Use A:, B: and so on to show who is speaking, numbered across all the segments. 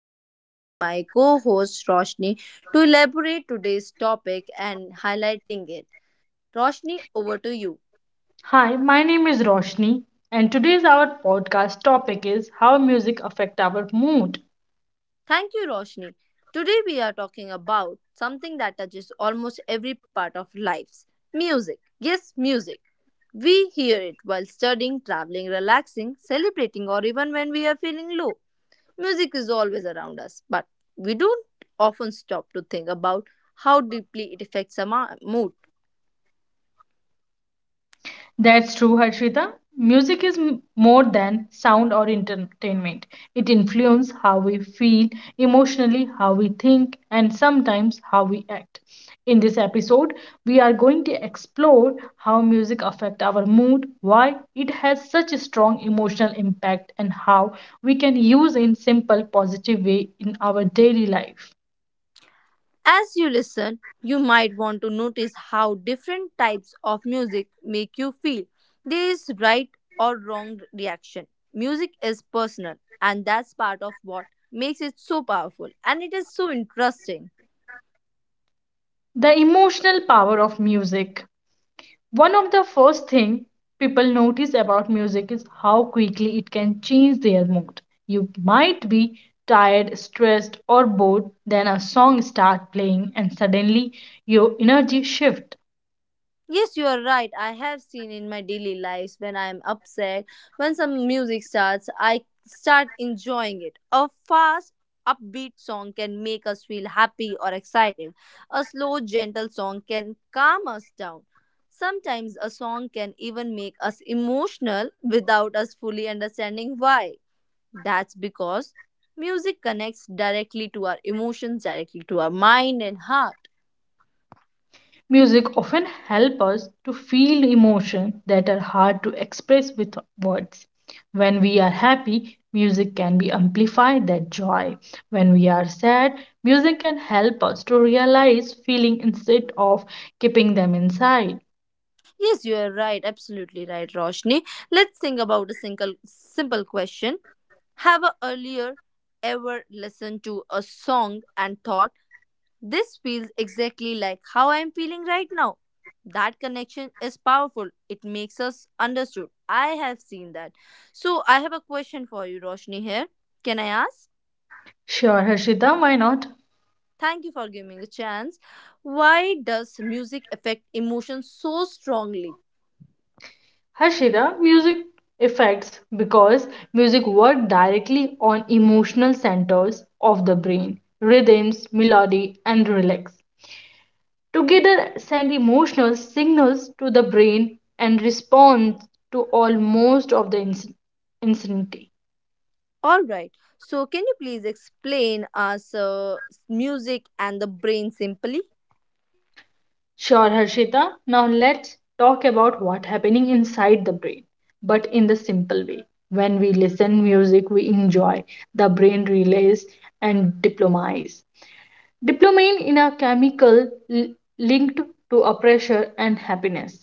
A: I am inviting my co-host Roshni to elaborate today's topic and highlighting it. Roshni, over to you.
B: Hi, my name is Roshni, and today's our podcast topic is how music affect our mood.
A: Thank you Roshni. Today we are talking about something that touches almost every part of lives. Music. Yes, music. We hear it while studying, traveling, relaxing, celebrating or even when we are feeling low. Music is always around us, but we don't often stop to think about how deeply it affects our mood.
B: That's true, Harshita. Music is more than sound or entertainment. It influences how we feel emotionally, how we think, and sometimes how we act. In this episode, we are going to explore how music affects our mood, why it has such a strong emotional impact, and how we can use in simple positive way in our daily life.
A: As you listen, you might want to notice how different types of music make you feel. There is right or wrong reaction. Music is personal, and that's part of what makes it so powerful and it is so interesting.
B: The emotional power of music. One of the first thing people notice about music is how quickly it can change their mood. You might be tired, stressed or bored, then a song start playing and suddenly your energy shift.
A: Yes, you are right. I have seen in my daily lives when I am upset, when some music starts, I start enjoying it. A fast, upbeat song can make us feel happy or excited. A slow, gentle song can calm us down. Sometimes a song can even make us emotional without us fully understanding why. That's because music connects directly to our emotions, directly to our mind and heart.
B: Music often helps us to feel emotions that are hard to express with words. When we are happy, music can be amplified that joy. When we are sad, music can help us to realize feeling instead of keeping them inside.
A: Yes, you are right. Absolutely right, Roshni. Let's think about a single simple question. Have a earlier ever listened to a song and thought this feels exactly like how I am feeling right now? That connection is powerful. It makes us understood. I have seen that. So I have a question for you, Roshni. Here, can I ask?
B: Sure, Harshita, why not?
A: Thank you for giving me a chance. Why does music affect emotions so strongly?
B: Harshita, music effects because music works directly on emotional centers of the brain, rhythms, melody, and relax together send emotional signals to the brain and responds to almost of the insanity.
A: All right. So, can you please explain us music and the brain simply?
B: Sure, Harshita. Now let's talk about what happening inside the brain, but in the simple way. When we listen music we enjoy, the brain relays and diplomize. Dopamine in a chemical linked to a pressure and happiness.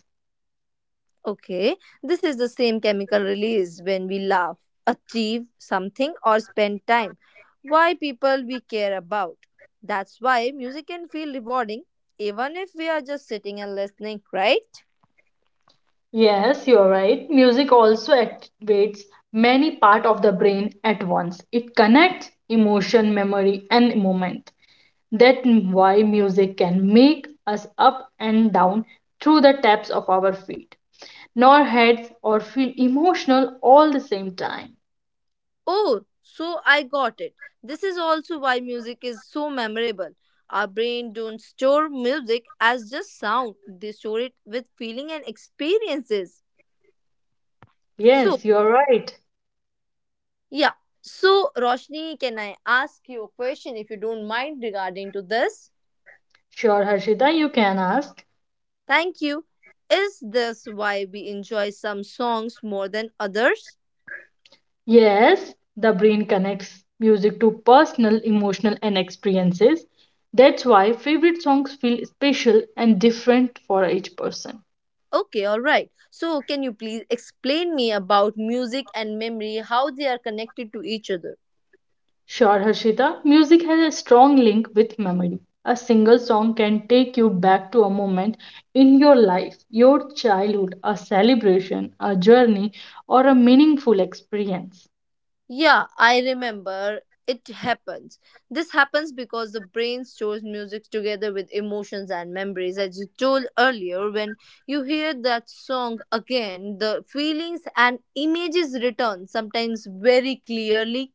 A: Okay, this is the same chemical released when we laugh, achieve something, or spend time. Why people we care about. That's why music can feel rewarding even if we are just sitting and listening, right?
B: Yes, you are right. Music also activates many part of the brain at once. It connects emotion, memory and moment. That's why music can make us up and down through the taps of our feet, nor heads or feel emotional all the same time.
A: Oh, so I got it. This is also why music is so memorable. Our brain don't store music as just sound. They store it with feeling and experiences. So
B: Yes, you are right.
A: yeah. So, Roshni, can I ask you a question if you don't mind regarding to this?
B: Sure, Harshita, you can ask.
A: Thank you. Is this why we enjoy some songs more than others?
B: Yes, the brain connects music to personal, emotional, and experiences. That's why favorite songs feel special and different for each person.
A: Okay, all right. So, can you please explain me about music and memory how they are connected to each other?
B: Sure, Harshita, music has a strong link with memory. A single song can take you back to a moment in your life, your childhood, a celebration, a journey, or a meaningful experience.
A: Yeah, I remember. It happens. This happens because the brain stores music together with emotions and memories. As you told earlier, when you hear that song again, the feelings and images return, sometimes very clearly.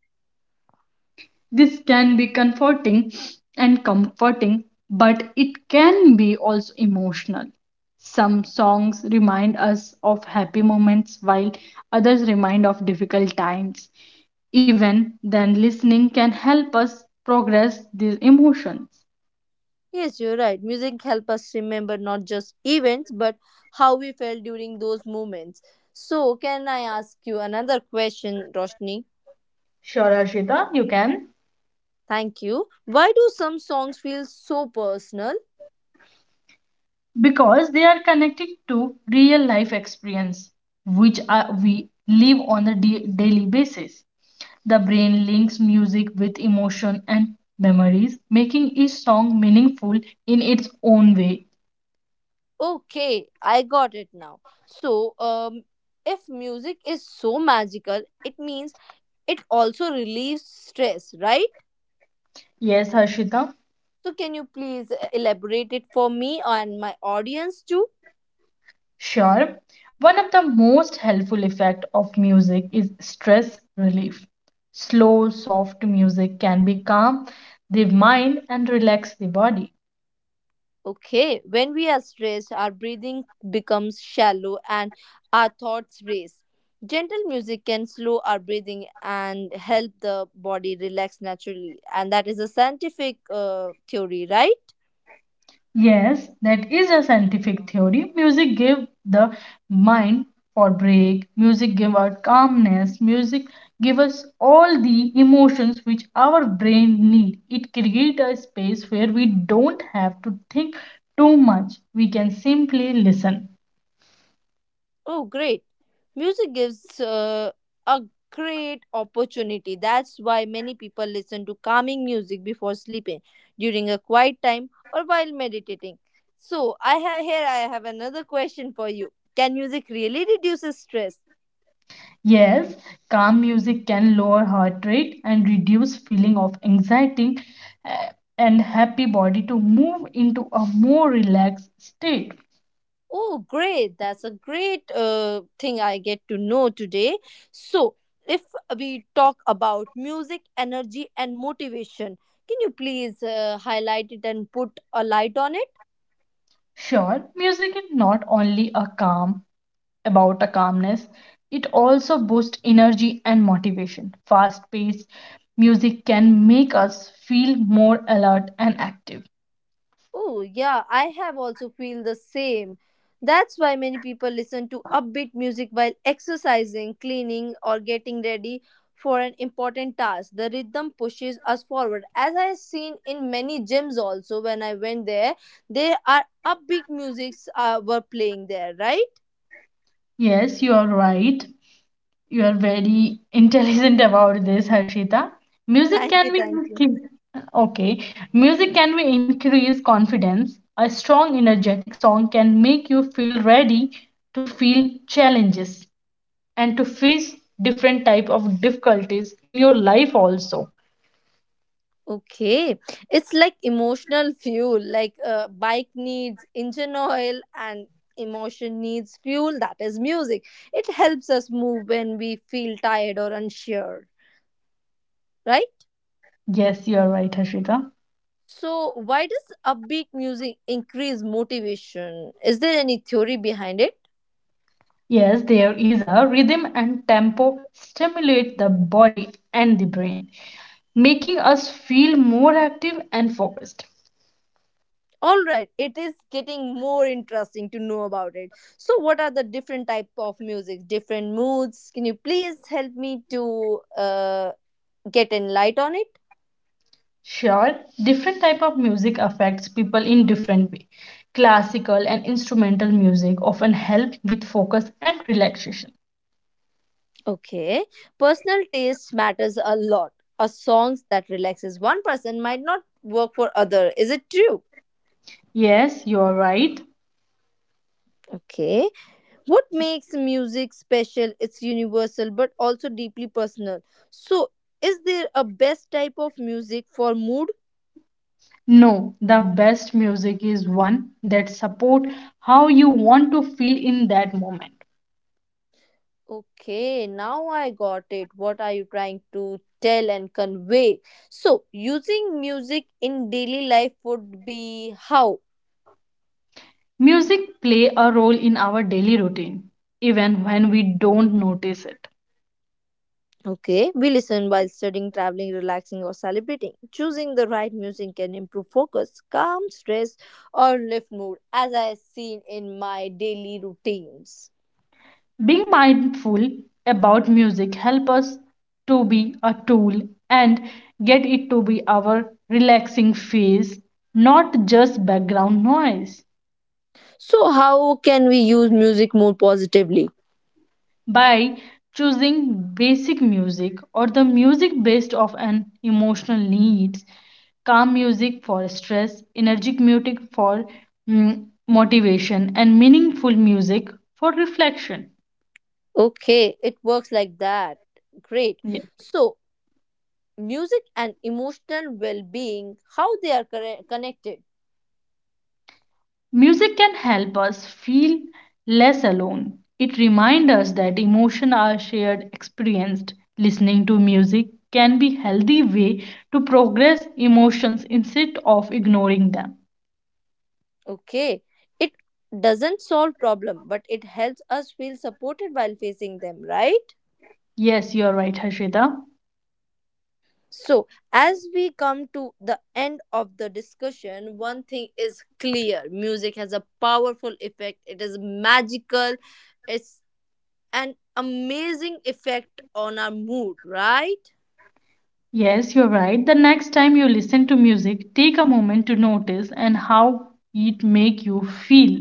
B: This can be comforting and comforting, but it can be also emotional. Some songs remind us of happy moments while others remind of difficult times. Even then, listening can help us progress these emotions.
A: Yes, you're right. Music help us remember not just events, but how we felt during those moments. So, can I ask you another question, Roshni?
B: Sure, Arshita, you can.
A: Thank you. Why do some songs feel so personal?
B: Because they are connected to real life experience which are, we live on a daily basis. The brain links music with emotion and memories, making each song meaningful in its own way.
A: Okay, I got it now. So, if music is so magical, it means it also relieves stress, right?
B: Yes, Harshita.
A: So, can you please elaborate it for me and my audience too?
B: Sure. One of the most helpful effect of music is stress relief. Slow soft music can be calm the mind and relax the body.
A: Okay, when we are stressed, our breathing becomes shallow and our thoughts race. Gentle music can slow our breathing and help the body relax naturally, and that is a scientific theory, right?
B: Yes, that is a scientific theory. Music give the mind for break. Music give out calmness. Music give us all the emotions which our brain need. It create a space where we don't have to think too much. We can simply listen.
A: Oh, great. Music gives a great opportunity. That's why many people listen to calming music before sleeping, during a quiet time, or while meditating. So, I have another question for you. Can music really reduce stress?
B: Yes, calm music can lower heart rate and reduce feeling of anxiety uh, and happy body to move into a more relaxed state.
A: Oh, great. That's a great thing I get to know today. So, if we talk about music, energy, and motivation, can you please highlight it and put a light on it?
B: Sure, music is not only a calm about a calmness, it also boosts energy and motivation. Fast paced music can make us feel more alert and active.
A: Oh, yeah, I have also feel the same. That's why many people listen to upbeat music while exercising, cleaning, or getting ready for an important task. The rhythm pushes us forward. As I have seen in many gyms also when I went there, they are upbeat musics were playing there, right?
B: Yes, you are right. You are very intelligent about this, Harshita. Music
A: Thank you,
B: can be
A: thank you.
B: okay. Music can be increase confidence. A strong energetic song can make you feel ready to feel challenges and to face different type of difficulties in your life also.
A: Okay, it's like emotional fuel, like bike needs engine oil and emotion needs fuel, that is music. It helps us move when we feel tired or unsure, right?
B: Yes, you are right, Harshita.
A: So, why does upbeat music increase motivation? Is there any theory behind it?
B: Yes, there is a rhythm and tempo stimulate the body and the brain, making us feel more active and focused.
A: All right, it is getting more interesting to know about it. So what are the different type of music different moods? Can you please help me to get in light on it?
B: Sure. Different type of music affects people in different way. Classical and instrumental music often help with focus and relaxation.
A: Okay, personal taste matters a lot. A songs that relaxes one person might not work for other, is it true?
B: Yes, you are right.
A: Okay, what makes music special, it's universal but also deeply personal. So is there a best type of music for mood?
B: No, the best music is one that support how you want to feel in that moment.
A: Okay, now I got it. What are you trying to tell and convey? So, using music in daily life would be how?
B: Music play a role in our daily routine even when we don't notice it.
A: Okay, we listen while studying, traveling, relaxing, or celebrating. Choosing the right music can improve focus, calm stress, or lift mood, as I have seen in my daily routines.
B: Being mindful about music help us to be a tool and get it to be our relaxing phase, not just background noise.
A: So, how can we use music more positively?
B: By choosing basic music or the music based of an emotional needs, calm music for stress, energetic music for mm, motivation, and meaningful music for reflection.
A: Okay, it works like that. Great.
B: Yeah.
A: So, music and emotional well-being, how they are connected?
B: Music can help us feel less alone. It reminds us that emotions are shared experienced. Listening to music can be healthy way to progress emotions instead of ignoring them.
A: Okay, it doesn't solve problem, but it helps us feel supported while facing them, right?
B: Yes, you are right, Harshita.
A: So as we come to the end of the discussion, one thing is clear, music has a powerful effect, it is magical. It's an amazing effect on our mood, right?
B: Yes, you're right. The next time you listen to music, take a moment to notice and how it make you feel.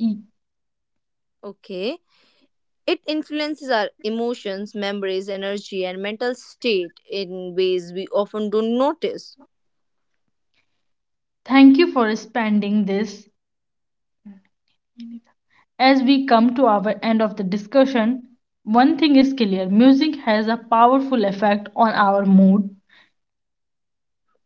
B: E-
A: Okay. It influences our emotions, memories, energy, and mental state in ways we often don't notice.
B: Thank you for spending this. As we come to our end of the discussion, one thing is clear. Music has a powerful effect on our mood.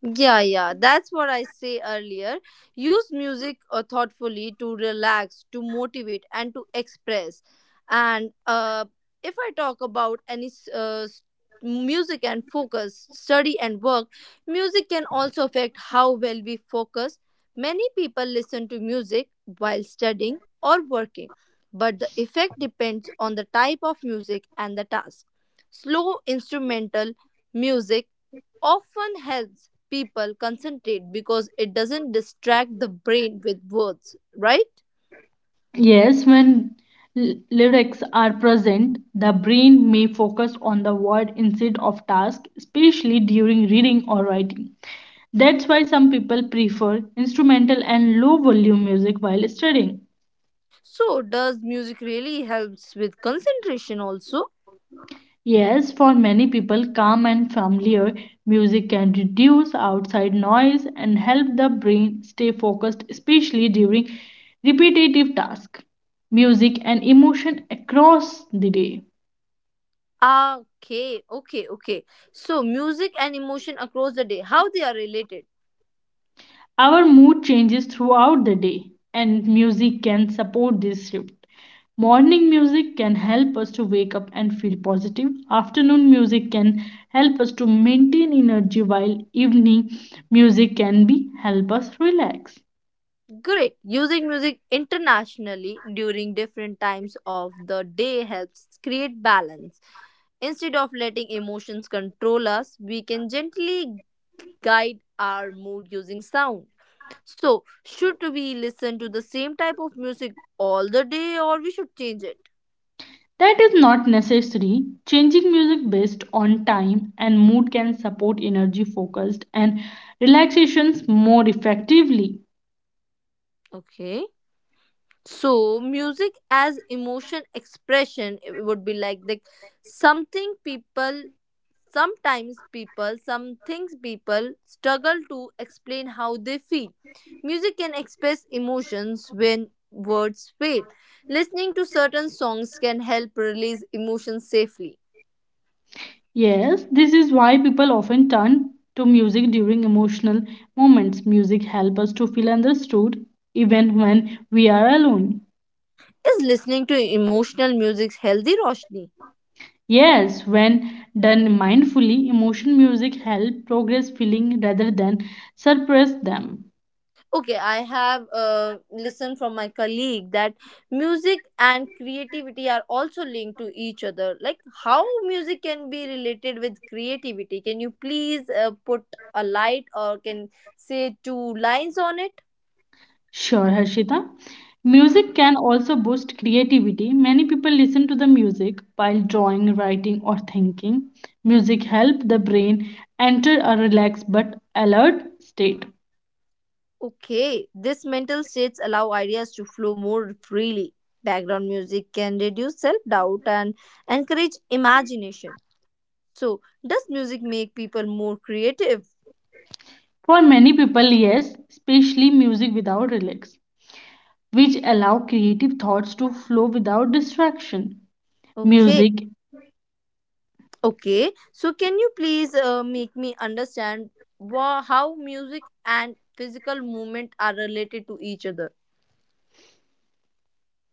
A: Yeah, yeah, that's what I say earlier. Use music thoughtfully to relax, to motivate, and to express. And If I talk about music and focus, study and work, music can also affect how well we focus. Many people listen to music while studying or working, but the effect depends on the type of music and the task. Slow instrumental music often helps people concentrate because it doesn't distract the brain with words, right?
B: Yes, when lyrics are present, the brain may focus on the word instead of task, especially during reading or writing. That's why some people prefer instrumental and low volume music while studying.
A: So, does music really helps with concentration also?
B: Yes, for many people, calm and familiar music can reduce outside noise and help the brain stay focused, especially during repetitive tasks. Music and emotion across the day.
A: Ah, okay, okay, okay. So, music and emotion across the day, how they are related?
B: Our mood changes throughout the day, and music can support this shift. Morning music can help us to wake up and feel positive. Afternoon music can help us to maintain energy, while evening music can be help us relax.
A: Great. Using music internationally during different times of the day helps create balance. Instead of letting emotions control us, we can gently guide our mood using sound. So, should we listen to the same type of music all the day, or we should change it?
B: That is not necessary. Changing music based on time and mood can support energy focused and relaxations more effectively.
A: Okay. So, music as emotion expression it would be like the something people sometimes people some things people struggle to explain how they feel. Music can express emotions when words fail. Listening to certain songs can help release emotions safely.
B: Yes, this is why people often turn to music during emotional moments. Music helps us to feel understood even when we are alone.
A: Is listening to emotional music healthy, Roshni?
B: Yes, when done mindfully, emotion music helps progress feeling rather than suppress them.
A: Okay, I have listened from my colleague that music and creativity are also linked to each other. Like how music can be related with creativity? Can you please put a light or can say two lines on it?
B: Sure, Harshita. Music can also boost creativity. Many people listen to the music while drawing, writing, or thinking. Music helps the brain enter a relaxed but alert state.
A: Okay, this mental states allow ideas to flow more freely. Background music can reduce self-doubt and encourage imagination. So does music make people more creative?
B: For many people, yes, especially music without lyrics, which allow creative thoughts to flow without distraction.
A: Okay.
B: Music.
A: Okay, so can you please make me understand how music and physical movement are related to each other?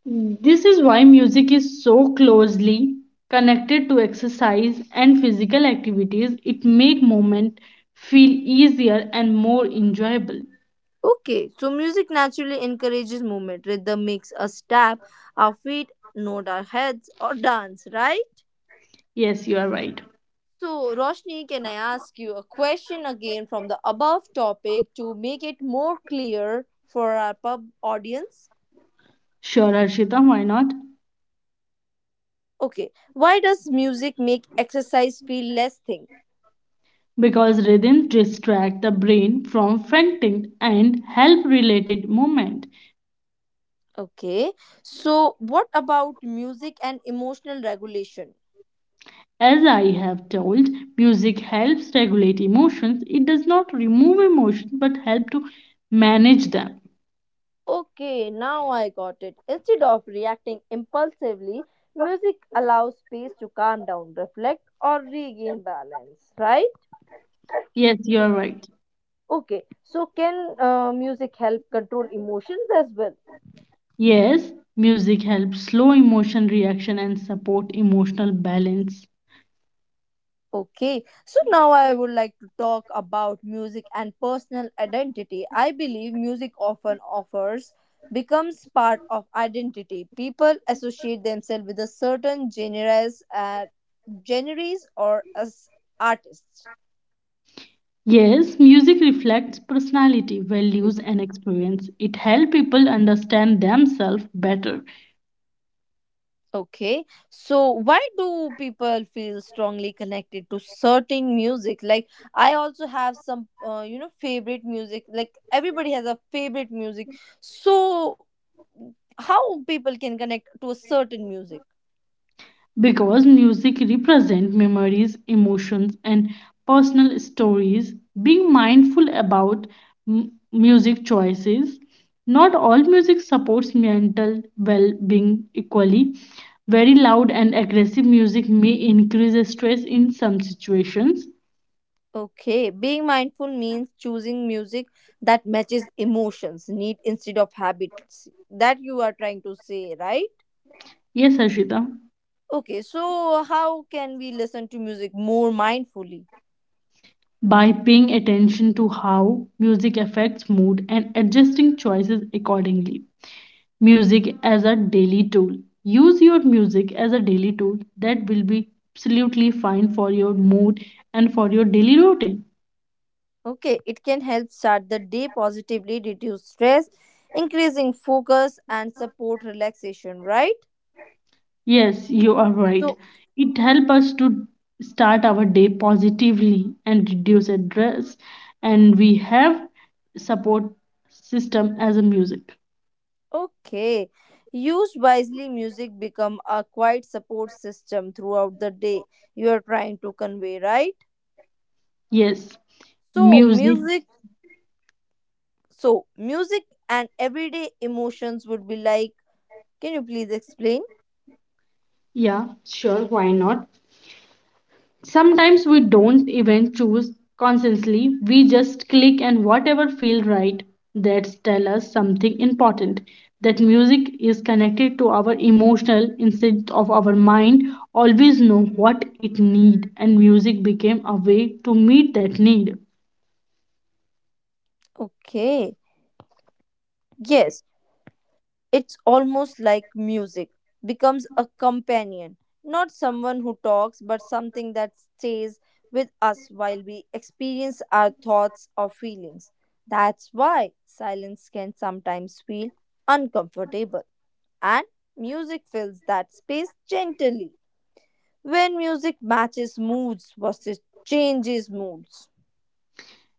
B: This is why music is so closely connected to exercise and physical activities. It make movement feel easier and more enjoyable.
A: Okay, so music naturally encourages movement. Rhythm makes us tap our feet, nod our heads, or dance, right?
B: Yes, you are right.
A: So, Roshni, can I ask you a question again from the above topic to make it more clear for our pub audience?
B: Sure, Arshita, why not?
A: Okay, why does music make exercise feel less thing?
B: Because rhythms distract the brain from fainting and help related movement.
A: Okay. So, what about music and emotional regulation?
B: As I have told, music helps regulate emotions. It does not remove emotion but help to manage them.
A: Okay, now I got it. Instead of reacting impulsively, music allows space to calm down, reflect, or regain balance, right?
B: Yes, you are right.
A: Okay, so can music help control emotions as well?
B: Yes, music helps slow emotion reaction and support emotional balance.
A: Okay, so now I would like to talk about music and personal identity. I believe music often offers becomes part of identity. People associate themselves with a certain genres, genres or as artists.
B: Yes, music reflects personality, values and experience. It helps people understand themselves better.
A: Okay, so why do people feel strongly connected to certain music? Like I also have some, you know, favorite music. Like everybody has a favorite music. So how people can connect to a certain music?
B: Because music represents memories, emotions, and personal stories. Being mindful about music choices. Not all music supports mental well being equally. Very loud and aggressive music may increase stress in some situations.
A: Okay, being mindful means choosing music that matches emotions, need instead of habits. That you are trying to say, right?
B: Yes, Ashita.
A: Okay, so how can we listen to music more mindfully?
B: By paying attention to how music affects mood and adjusting choices accordingly. Music as a daily tool. Use your music as a daily tool that will be absolutely fine for your mood and for your daily routine.
A: Okay, it can help start the day positively, reduce stress, increasing focus, and support relaxation, right?
B: Yes, you are
A: So,
B: right. It helps us to start our day positively and reduce stress, and we have support system as a music.
A: okay, use wisely music become a quiet support system throughout the day, you are trying to convey, right?
B: Yes.
A: So,
B: Music.
A: music, so music and everyday emotions would be like, can you please explain?
B: Yeah, sure, why not? Sometimes we don't even choose consciously. We just click and whatever feels right, that tells us something important, that music is connected to our emotional instinct of our mind, always know what it need, and music became a way to meet that need.
A: Okay, yes. It's almost like music becomes a companion, not someone who talks, but something that stays with us while we experience our thoughts or feelings. That's why silence can sometimes feel uncomfortable, and music fills that space gently. When music matches moods versus changes moods.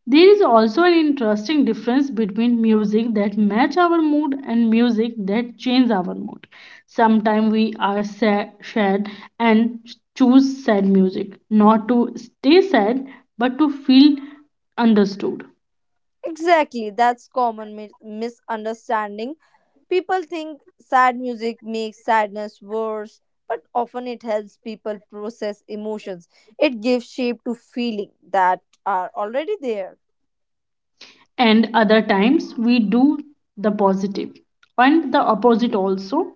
B: There is also an interesting difference between music that match our mood and music that change our mood. Sometimes we are sad and choose sad music, not to stay sad but to feel understood.
A: Exactly, that's common misunderstanding. People think sad music makes sadness worse, but often it helps people process emotions. It gives shape to feelings that are already there.
B: And other times we do the positive and the opposite also.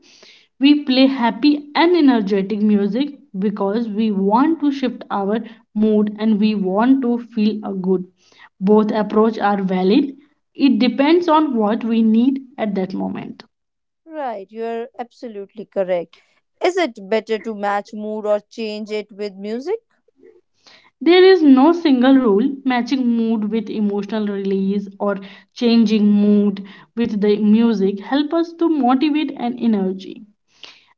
B: We play happy and energetic music because we want to shift our mood and we want to feel a good. Both approach are valid. It depends on what we need at that moment.
A: Right, you're absolutely correct. Is it better to match mood or change it with music?
B: There is no single rule matching mood with emotional release or changing mood with the music help us to motivate and energy.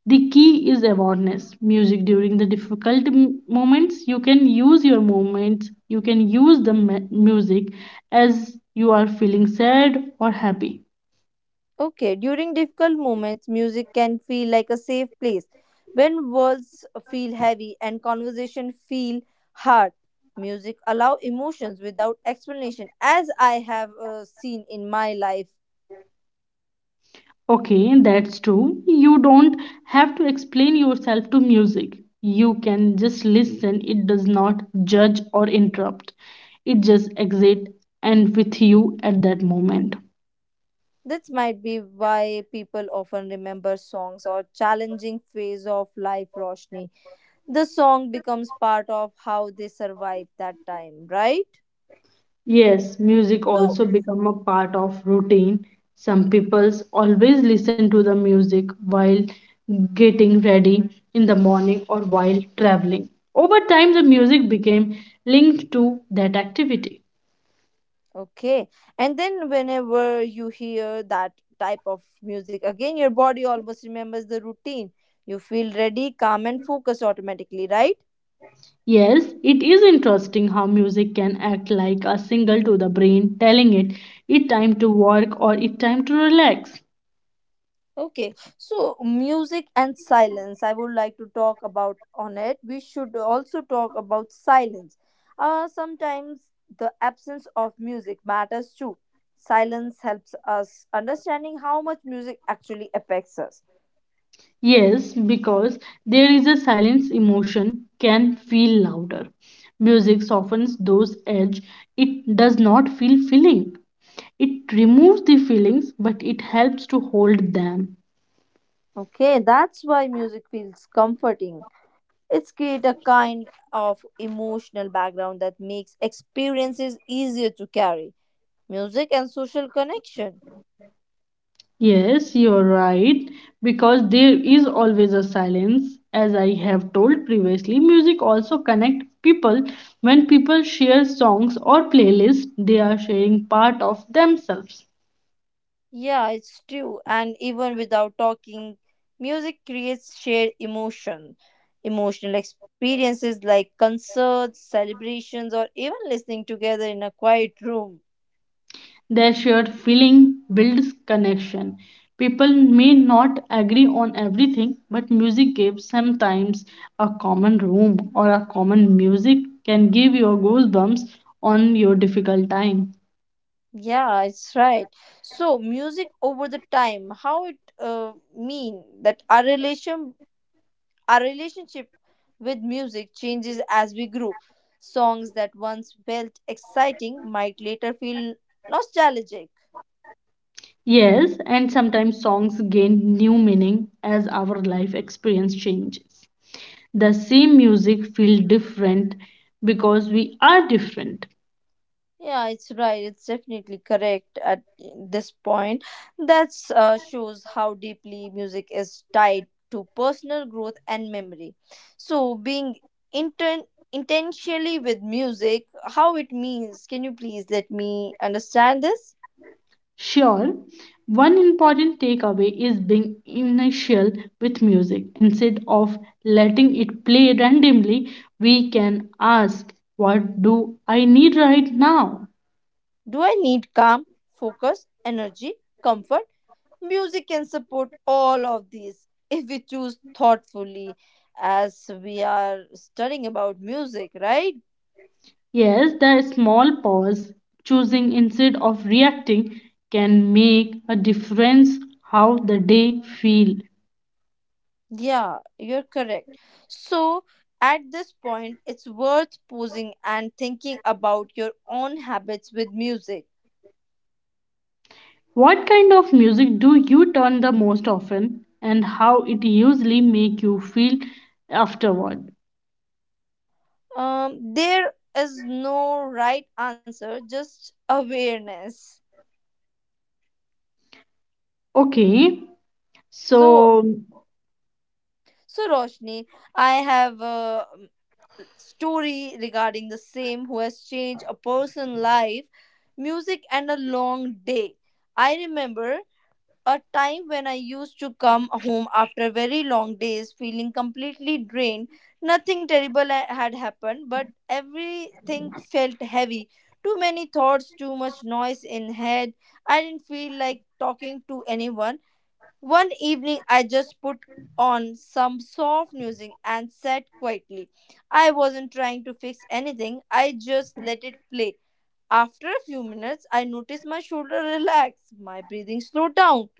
B: The key is awareness. Music during the difficult moments you can use your moments, you can use the music as you are feeling sad or happy.
A: Okay, during difficult moments, music can feel like a safe place. When words feel heavy and conversation feel hard, music allow emotions without explanation as I have seen in my life.
B: Okay, that's true. You don't have to explain yourself to music. You can just listen. It does not judge or interrupt. It just exists and with you at that moment.
A: This might be why people often remember songs or challenging phase of life, Roshni. The song becomes part of how they survive that time, right?
B: Yes, music
A: So
B: also become a part of routine. Some peoples always listen to the music while getting ready in the morning or while traveling. Over time, the music became linked to that activity.
A: okay. And then whenever you hear that type of music again, your body almost remembers the routine. You feel ready, calm, and focused automatically, right?
B: Yes, it is interesting how music can act like a signal to the brain telling it it time to work or it time to relax.
A: Okay, so music and silence. I would like to talk about on it. We should also talk about silence. Sometimes the absence of music matters too. Silence helps us understanding how much music actually affects us.
B: Yes, because there is a silence emotion can feel louder. Music softens those edge. It does not feel feeling. It removes the feelings, but it helps to hold them.
A: Okay, that's why music feels comforting. It's create a kind of emotional background that makes experiences easier to carry. Music and social connection.
B: Yes, you're right. Because there is always a silence. As I have told previously, music also connect people. When people share songs or playlists, they are sharing part of themselves.
A: Yeah, it's true. And even without talking, music creates shared emotion. Emotional experiences like concerts, celebrations, or even listening together in a quiet room.
B: Their shared feeling builds connection. People may not agree on everything, but music gives sometimes a common room or a common music can give your goosebumps on your difficult time.
A: Yeah, it's right. So, music over the time, how it mean that our relation our relationship with music changes as we grow. Songs that once felt exciting might later feel nostalgic.
B: Yes, and sometimes songs gain new meaning as our life experience changes. The same music feel different because we are different.
A: Yeah, it's right. It's definitely correct at this point. That shows how deeply music is tied to personal growth and memory. So, being inten- intentionally with music, how it means, can you please let me understand this?
B: Sure, one important takeaway is being initial with music. Instead of letting it play randomly, we can ask, what do I need right now?
A: Do I need calm, focus, energy, comfort? Music can support all of these if we choose thoughtfully, as we are studying about music, right?
B: Yes, the small pause, choosing instead of reacting, can make a difference how the day feel.
A: Yeah, you're correct. So, at this point, it's worth pausing and thinking about your own habits with music.
B: What kind of music do you turn the most often and how it usually make you feel afterward?
A: There is no right answer, just awareness.
B: Okay.
A: So,
B: So
A: So, Roshni, I have a story regarding the same who has changed a person's life, music, and a long day. I remember a time when I used to come home after very long days feeling completely drained. Nothing terrible had happened, but everything felt heavy. Too many thoughts, too much noise in head. I didn't feel like talking to anyone. One evening, I just put on some soft music and sat quietly. I wasn't trying to fix anything, I just let it play. After a few minutes, I noticed my shoulder relaxed, my breathing slowed down.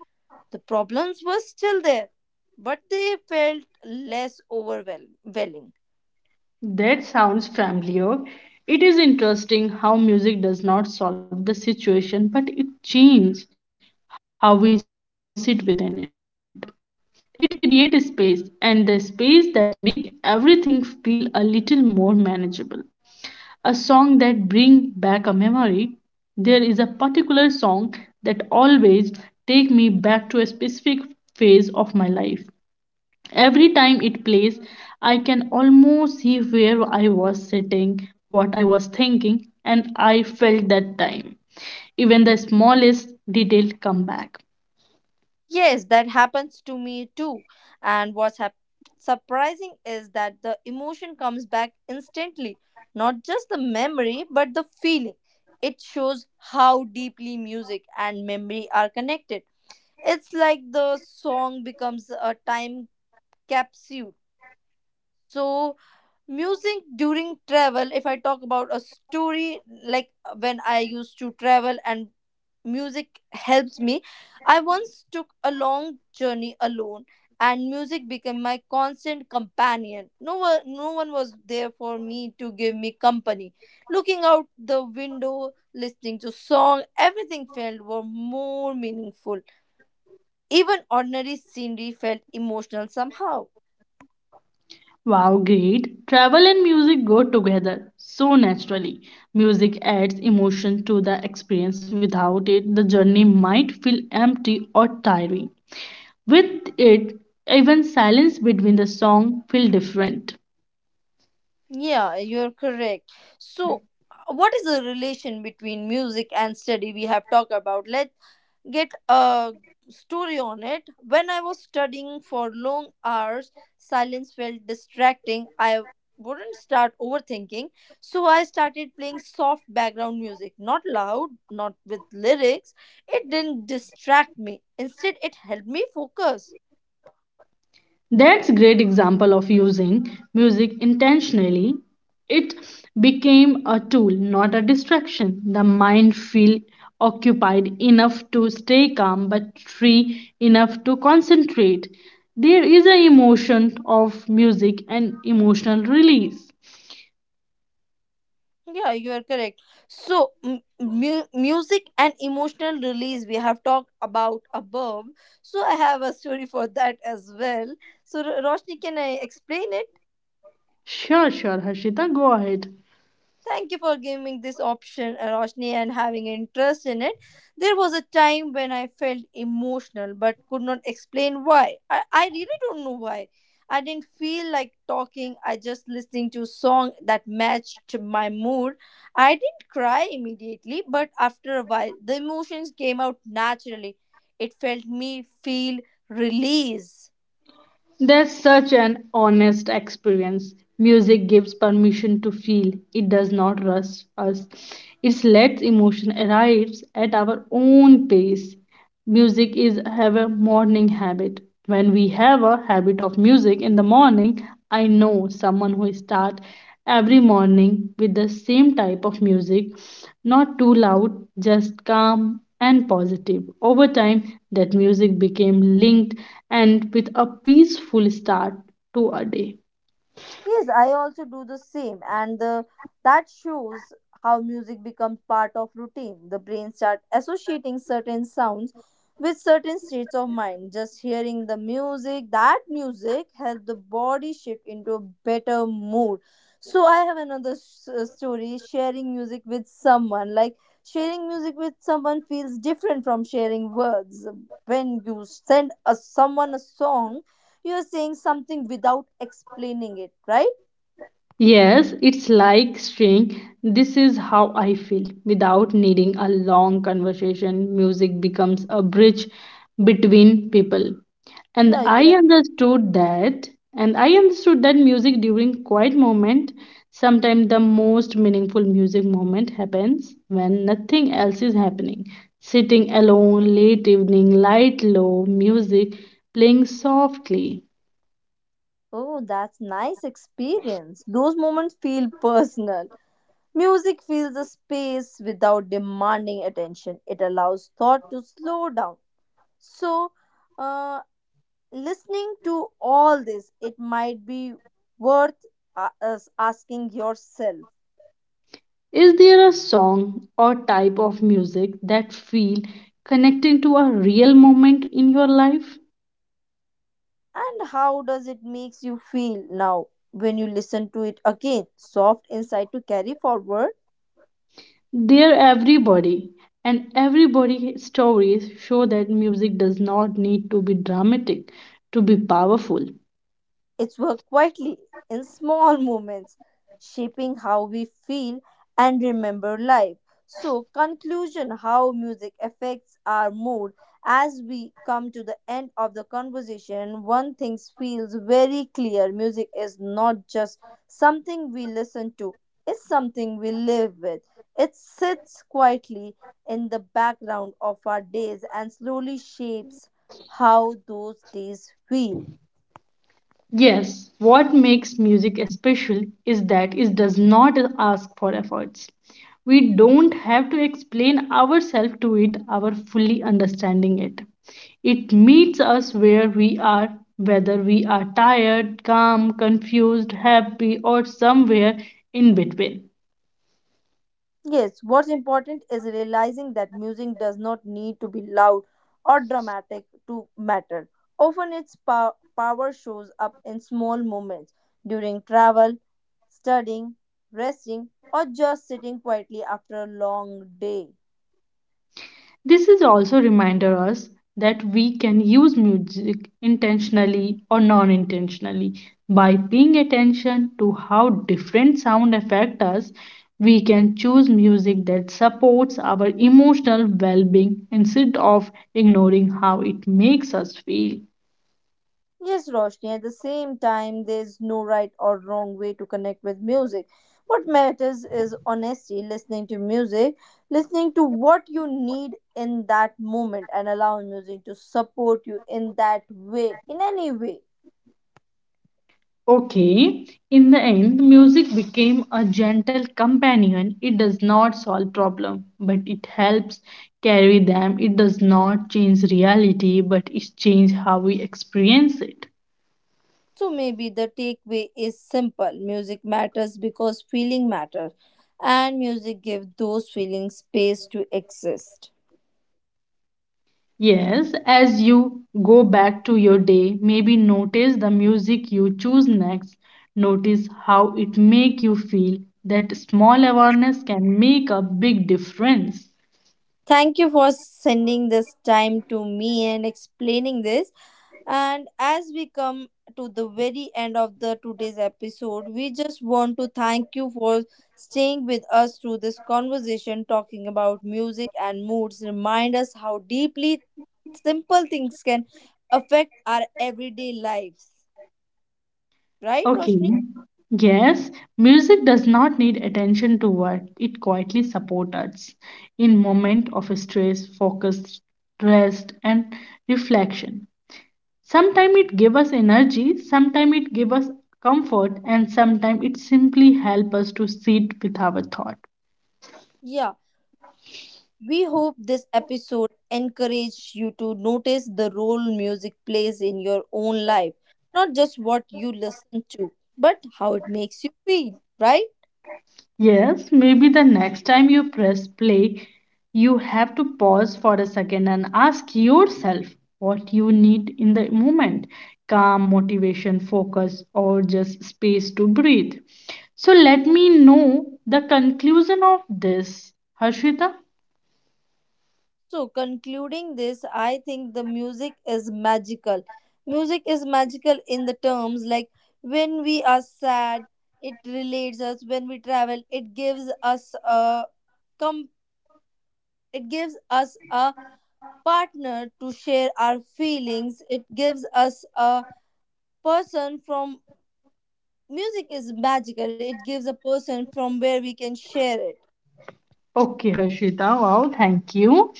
A: The problems were still there, but they felt less overwhelming.
B: that sounds familiar. It is interesting how music does not solve the situation, but it changes how we sit within it. It creates space, and the space that make everything feel a little more manageable. A song that bring back a memory. There is a particular song that always take me back to a specific phase of my life. Every time it plays, I can almost see where I was sitting, what I was thinking, and I felt that time. Even the smallest detail come back.
A: Yes, that happens to me too. And surprising is that the emotion comes back instantly. Not just the memory, but the feeling. It shows how deeply music and memory are connected. It's like the song becomes a time capsule. So, music during travel if I talk about a story like when I used to travel and music helps me. I once took a long journey alone, and music became my constant companion. No one was there for me to give me company. Looking out the window listening to song, everything felt were more meaningful. Even ordinary scenery felt emotional somehow.
B: Wow, great. Travel and music go together so naturally. Music adds emotion to the experience. Without it, the journey might feel empty or tiring. With it, even silence between the song feel different.
A: Yeah, you're correct. So, what is the relation between music and study we have talked about? Let's get a story on it. When I was studying for long hours, silence felt distracting. I wouldn't start overthinking. So, I started playing soft background music, not loud, not with lyrics. It didn't distract me. Instead, it helped me focus.
B: That's great example of using music intentionally. It became a tool, not a distraction. The mind feel occupied enough to stay calm but free enough to concentrate. There is an emotion of music and emotional release.
A: Yeah, you are correct. So, music and emotional release we have talked about above. So, I have a story for that as well. So, Roshni, can I explain it?
B: Sure, sure, Harshita, go ahead.
A: Thank you for giving this option, Roshni, and having interest in it. There was a time when I felt emotional but could not explain why. I really don't know why. I didn't feel like talking. I just listening to song that matched my mood. I didn't cry immediately, but after a while, the emotions came out naturally. It felt me feel release.
B: That's such an honest experience. Music gives permission to feel. It does not rush us. It lets emotion arrive at our own pace. Music is have a morning habit. When we have a habit of music in the morning, I know someone who start every morning with the same type of music, not too loud, just calm and positive. Over time, that music became linked and with a peaceful start to a day.
A: Yes, I also do the same, and that shows how music becomes part of routine. The brain start associating certain sounds with certain states of mind. Just hearing the music, that music helps the body shift into a better mood. So I have another story: sharing music with someone. Like sharing music with someone feels different from sharing words. When you send a, someone a song, you are saying something without explaining it, right?
B: Yes, it's like saying, this is how I feel. Without needing a long conversation, music becomes a bridge between people. And
A: Yeah, you
B: I
A: are.
B: understood that, and I understood that music during quiet moment, sometimes the most meaningful music moment happens when nothing else is happening. Sitting alone, late evening, light low, music playing softly.
A: Oh, that's nice experience. Those moments feel personal. Music fills a space without demanding attention. It allows thought to slow down. So, uh, listening to all this, it might be worth us asking yourself,
B: Is there a song or type of music that feel connecting to a real moment in your life?
A: and how does it makes you feel now when you listen to it again? Soft insight to carry forward.
B: There everybody and everybody stories show that music does not need to be dramatic to be powerful.
A: It's worked quietly in small moments, shaping how we feel and remember life. So, conclusion how music affects our mood. As we come to the end of the conversation, one thing feels very clear: music is not just something we listen to, it's something we live with. It sits quietly in the background of our days and slowly shapes how those days feel.
B: Yes, what makes music special is that it does not ask for efforts. We don't have to explain ourselves to it, our fully understanding it. It meets us where we are, whether we are tired, calm, confused, happy, or somewhere in between.
A: Yes, what's important is realizing that music does not need to be loud or dramatic to matter. Often, its power shows up in small moments during travel, studying, resting, or just sitting quietly after a long day.
B: This is also reminder us that we can use music intentionally or non-intentionally. By paying attention to how different sound affect us, we can choose music that supports our emotional well-being instead of ignoring how it makes us feel.
A: Yes, Roshni, at the same time, there's no right or wrong way to connect with music. What matters is honesty, listening to music, listening to what you need in that moment, and allowing music to support you in that way, in any way.
B: Okay. In the end, music became a gentle companion. It does not solve problem, but it helps carry them. It does not change reality, but it changes how we experience it.
A: So maybe the takeaway is simple: music matters because feeling matters, and music gives those feelings space to exist.
B: Yes, as you go back to your day, maybe notice the music you choose next. Notice how it make you feel. That small awareness can make a big difference.
A: Thank you for sending this time to me and explaining this. And as we come to the very end of the today's episode, we just want to thank you for staying with us through this conversation talking about music and moods. Remind us how deeply simple things can affect our everyday lives. Right,
B: Okay.
A: Roshni?
B: Yes, music does not need attention to work. It quietly supports us in moment of stress, focus, rest, and reflection. Sometimes it gives us energy, sometimes it gives us comfort, and sometimes it simply helps us to sit with our thought.
A: Yeah. We hope this episode encouraged you to notice the role music plays in your own life, not just what you listen to, but how it makes you feel, right?
B: Yes, maybe the next time you press play, you have to pause for a second and ask yourself what you need in the moment, calm, motivation, focus, or just space to breathe. So let me know the conclusion of this, Harshita.
A: So, concluding this, I think the music is magical. Music is magical in the terms like when we are sad, it relates us. When we travel, it gives us a com- it gives us a partner to share our feelings. It gives us a person from music is magical. It gives a person from where we can share it.
B: Okay, Harshita, wow, thank you.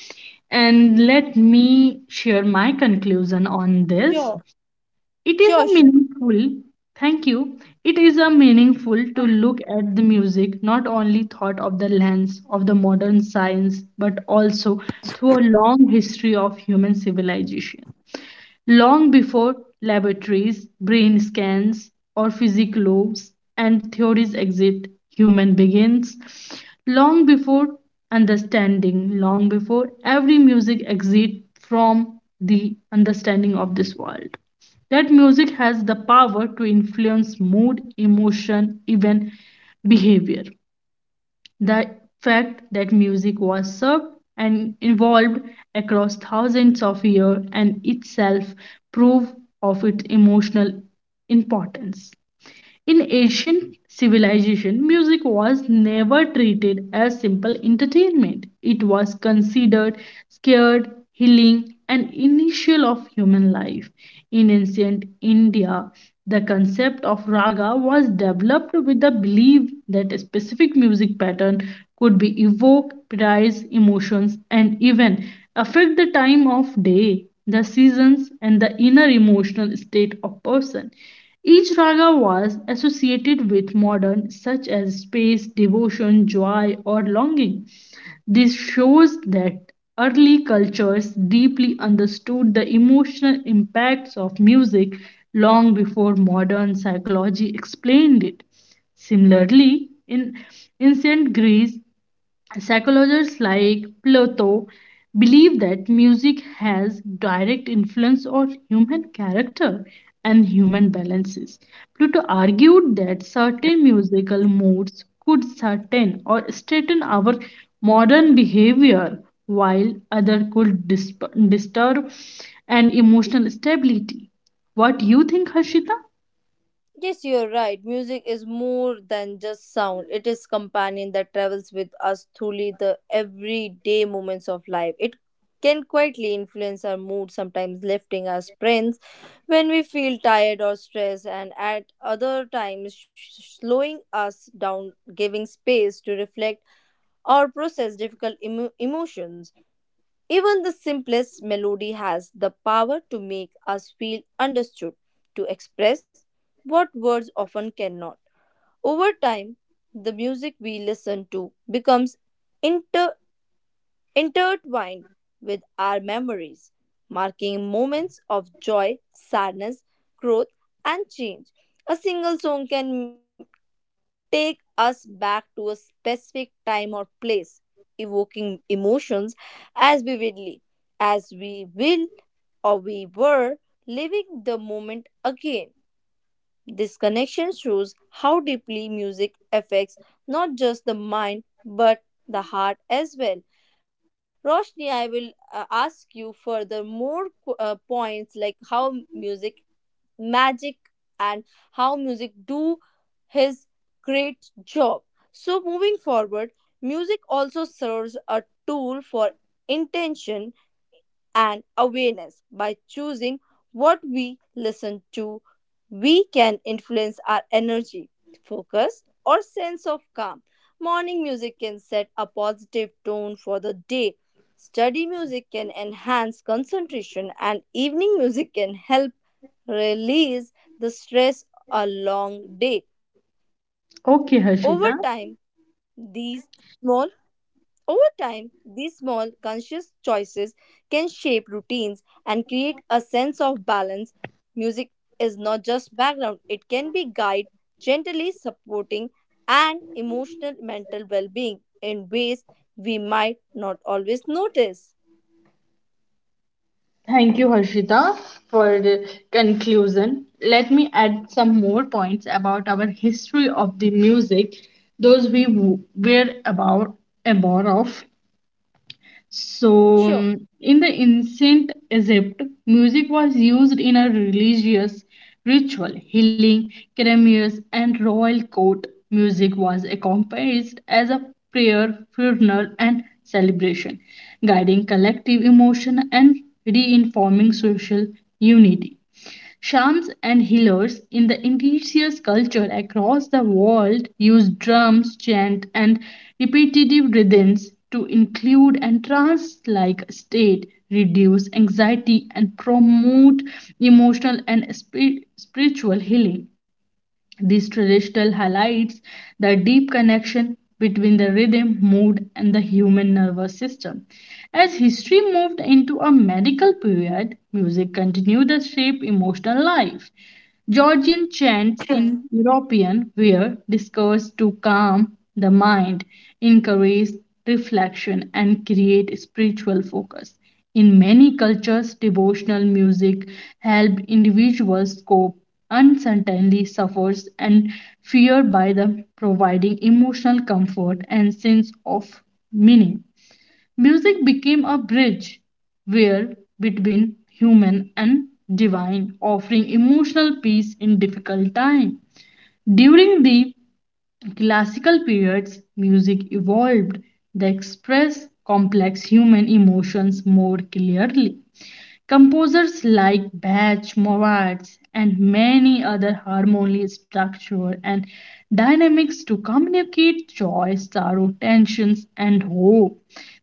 B: And let me share my conclusion on this.
A: Sure,
B: It is
A: sure,
B: a
A: sure.
B: meaningful, thank you. It is a meaningful to look at the music not only thought of the lens of the modern science but also through a long history of human civilization long before laboratories, brain scans, or physical lobes and theories exist. Human begins long before understanding, long before every music exists from the understanding of this world. That music has the power to influence mood, emotion, even behavior. The fact that music was served and evolved across thousands of years and itself proof of its emotional importance. In ancient civilization, music was never treated as simple entertainment. It was considered scared, healing, and initial of human life. In ancient India, the concept of raga was developed with the belief that a specific music pattern could be evoke, prize emotions, and even affect the time of day, the seasons, and the inner emotional state of person. Each raga was associated with modern, such as space, devotion, joy, or longing. This shows that early cultures deeply understood the emotional impacts of music long before modern psychology explained it. Similarly, in ancient Greece, psychologists like Plato believe that music has direct influence on human character and human balances. Plato argued that certain musical moods could certain or straighten our modern behavior while other could disturb an emotional stability. What you think, Harshita?
A: Yes, you're right. Music is more than just sound. It is companion that travels with us through the everyday moments of life. It can quietly influence our mood, sometimes lifting our spirits when we feel tired or stressed, and at other times slowing us down, giving space to reflect or process difficult emotions. Even the simplest melody has the power to make us feel understood, to express what words often cannot. Over time, the music we listen to becomes intertwined with our memories, marking moments of joy, sadness, growth, and change. A single song can take us back to a specific time or place, evoking emotions as vividly as we will or we were living the moment again. This connection shows how deeply music affects not just the mind but the heart as well. Roshni, I will ask you further more points like how music magic and how music do his great job. So moving forward, music also serves a tool for intention and awareness. By choosing what we listen to, we can influence our energy, focus, or sense of calm. Morning music can set a positive tone for the day. Study music can enhance concentration, and evening music can help release the stress a long day. Over time,
B: Okay, Harshita.
A: these small Over time, these small conscious choices can shape routines and create a sense of balance. Music is not just background, it can be guide, gently supporting and emotional mental well-being in ways we might not always notice.
B: Thank you, Harshita, for the conclusion. Let me add some more points about our history of the music, those we were about aware of. So,
A: Sure.
B: in the ancient Egypt, music was used in a religious ritual, healing, ceremonies, and royal court. Music was accompanied as a prayer, funeral, and celebration, guiding collective emotion and reinforming social unity. Shams and healers in the indigenous culture across the world use drums, chant, and repetitive rhythms to include and trance like state, reduce anxiety, and promote emotional and spiritual healing. These traditional highlights the deep connection between the rhythm, mood, and the human nervous system. As history moved into a medical period, music continued to shape emotional life. Georgian chants in European were discourse to calm the mind, encourage reflection, and create spiritual focus. In many cultures, devotional music helped individuals cope uncertainly suffers and fear by the providing emotional comfort and sense of meaning. Music became a bridge where between human and divine, offering emotional peace in difficult time. During the classical periods, music evolved to express complex human emotions more clearly. Composers like Bach, Mozart, and many other harmonious structure and dynamics to communicate joy, sorrow, tensions, and hope.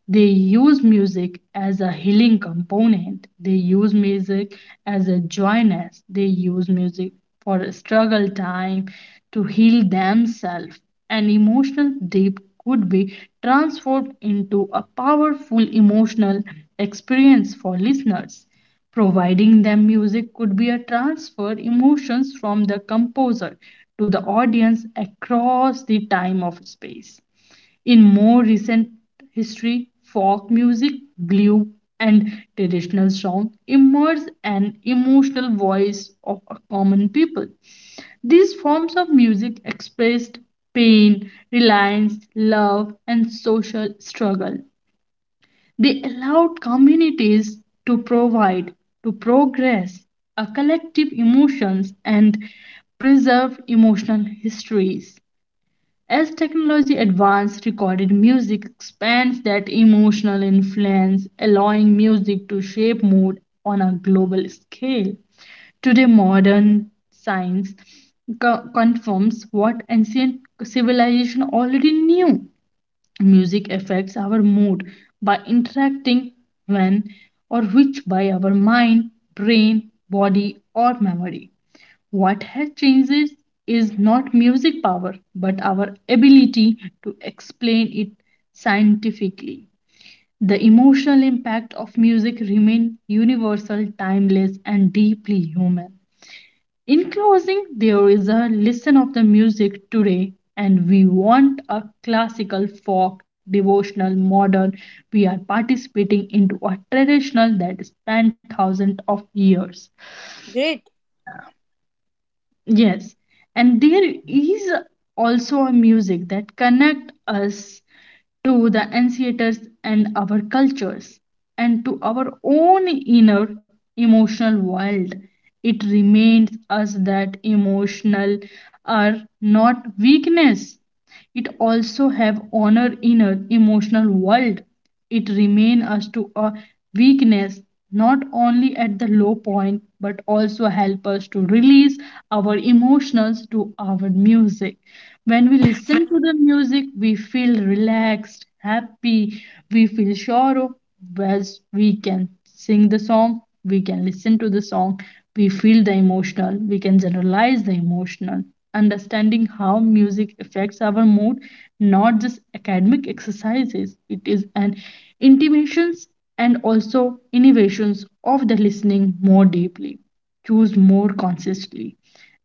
B: They use music as a healing component. They use music as a joyness. They use music for struggle time to heal themselves. An emotional dip could be transformed into a powerful emotional experience for listeners. Providing them music could be a transfer emotions from the composer to the audience across the time of space. In more recent history, folk music, blues, and traditional song emerged an emotional voice of a common people. These forms of music expressed pain, reliance, love, and social struggle. They allowed communities to provide, to progress, a collective emotions and preserve emotional histories. As technology advances, recorded music expands that emotional influence, allowing music to shape mood on a global scale. Today, modern science confirms what ancient civilization already knew. Music affects our mood by interacting when or which by our mind, brain, body, or memory. What has changes is not music power but our ability to explain it scientifically. The emotional impact of music remains universal, timeless, and deeply human. In closing, there is a listen of the music today, and we want a classical, folk, devotional, modern. We are participating into a traditional that spanned thousands of years.
A: Great.
B: Yes, and there is also a music that connect us to the ancestors and our cultures and to our own inner emotional world. It reminds us that emotional are not weakness, it also have honor in an emotional world. It remain us to a weakness not only at the low point but also help us to release our emotions to our music. When we listen to the music, we feel relaxed, happy, we feel sorrow, as we can sing the song, we can listen to the song, we feel the emotional, we can generalize the emotional. Understanding how music affects our mood not just academic exercises, it is an intimations and also innovations of the listening more deeply, choose more consciously,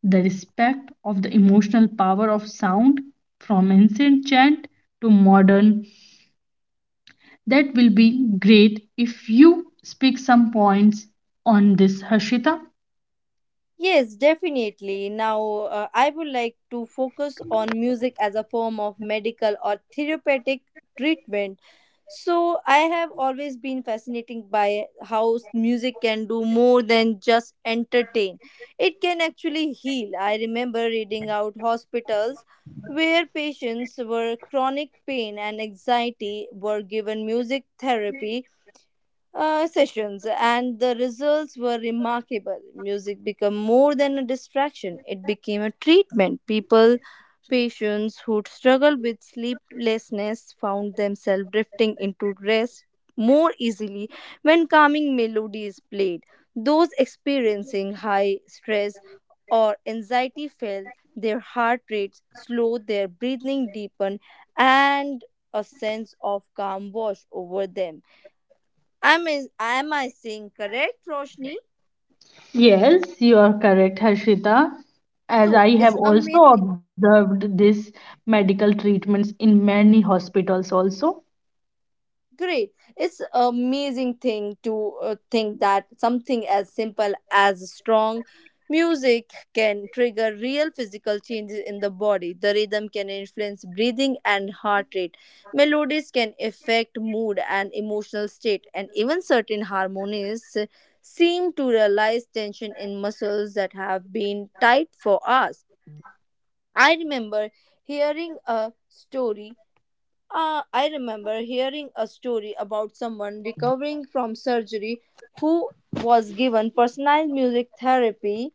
B: the respect of the emotional power of sound from ancient chant to modern. That will be great if you speak some points on this, Harshita.
A: Yes, definitely. Now, I would like to focus on music as a form of medical or therapeutic treatment. So, I have always been fascinated by how music can do more than just entertain. It can actually heal. I remember reading out hospitals where patients were chronic pain and anxiety were given music therapy sessions, and the results were remarkable. Music became more than a distraction, it became a treatment. People, patients who struggled with sleeplessness found themselves drifting into rest more easily when calming melodies played. Those experiencing high stress or anxiety felt their heart rates slow, their breathing deepen, and a sense of calm wash over them. I'm is am I saying correct, Roshni?
B: Yes, you are correct, Harshita. As
A: So
B: I have
A: it's
B: also
A: amazing.
B: observed this medical treatments in many hospitals also.
A: Great. It's amazing thing to think that something as simple as strong music can trigger real physical changes in the body. The rhythm can influence breathing and heart rate. Melodies can affect mood and emotional state, and even certain harmonies seem to realize tension in muscles that have been tight for hours. I remember hearing a story. I remember hearing a story about someone recovering from surgery who was given personalized music therapy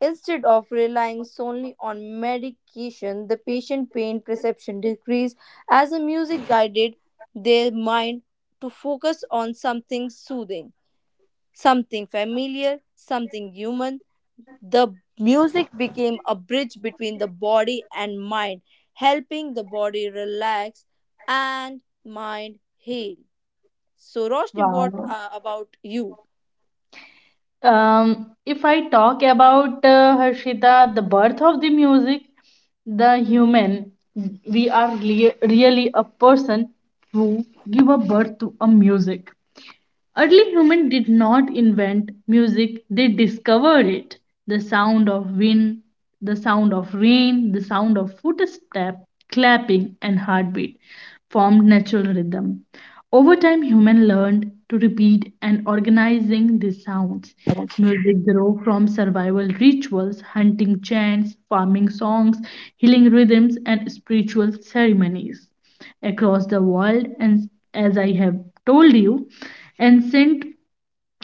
A: instead of relying solely on medication. The patient pain perception decreased as the music guided their mind to focus on something soothing, something familiar, something human. The music became a bridge between the body and mind, helping the body relax and mind heal. So, Roshni, what
B: Wow.
A: about you?
B: If I talk about Harshita, the birth of the music, the human, we are really a person who give a birth to a music. Early humans did not invent music, they discovered it. The sound of wind, the sound of rain, the sound of footstep, clapping, and heartbeat formed natural rhythm. Over time, humans learned to repeat and organizing these sounds. Music grew from survival rituals, hunting chants, farming songs, healing rhythms, and spiritual ceremonies across the world, and as I have told you and sent,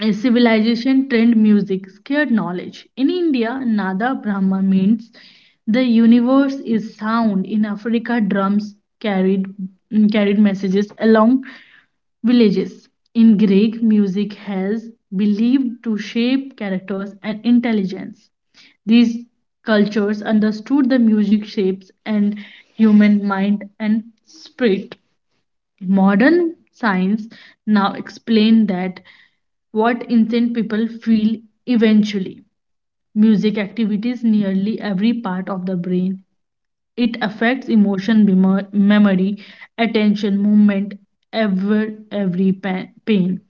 B: a civilization trend music, scared knowledge. In India, Nada Brahma means the universe is sound. In Africa, drums carried carried messages along villages. In Greek, music has believed to shape characters and intelligence. These cultures understood the music shapes and human mind and spirit. Modern science now explain that what insane people feel eventually. Music activities nearly every part of the brain. It affects emotion, memory, attention, movement, every pain.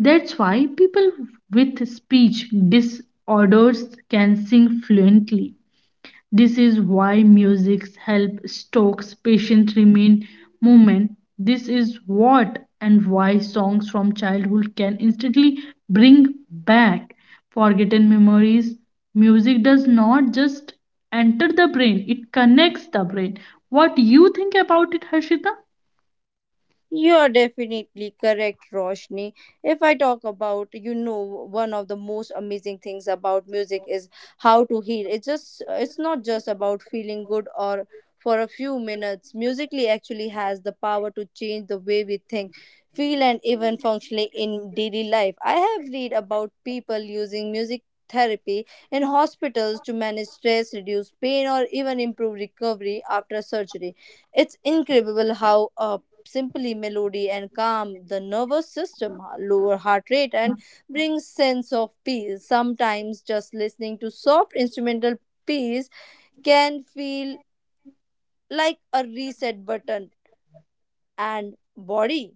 B: That's why people with speech disorders can sing fluently. This is why music's help stokes patient remain movement. This is what and why songs from childhood can instantly bring back forgotten memories. Music does not just enter the brain, it connects the brain. What you think about it, Harshita?
A: You are definitely correct, Roshni. If I talk about, you know, one of the most amazing things about music is how to heal. It's not just about feeling good or for a few minutes. Musically actually has the power to change the way we think, feel, and even functionally in daily life. I have read about people using music therapy in hospitals to manage stress, reduce pain, or even improve recovery after surgery. It's incredible how a simply melody and calm the nervous system, lower heart rate and brings sense of peace. Sometimes just listening to soft instrumental piece can feel like a reset button and body.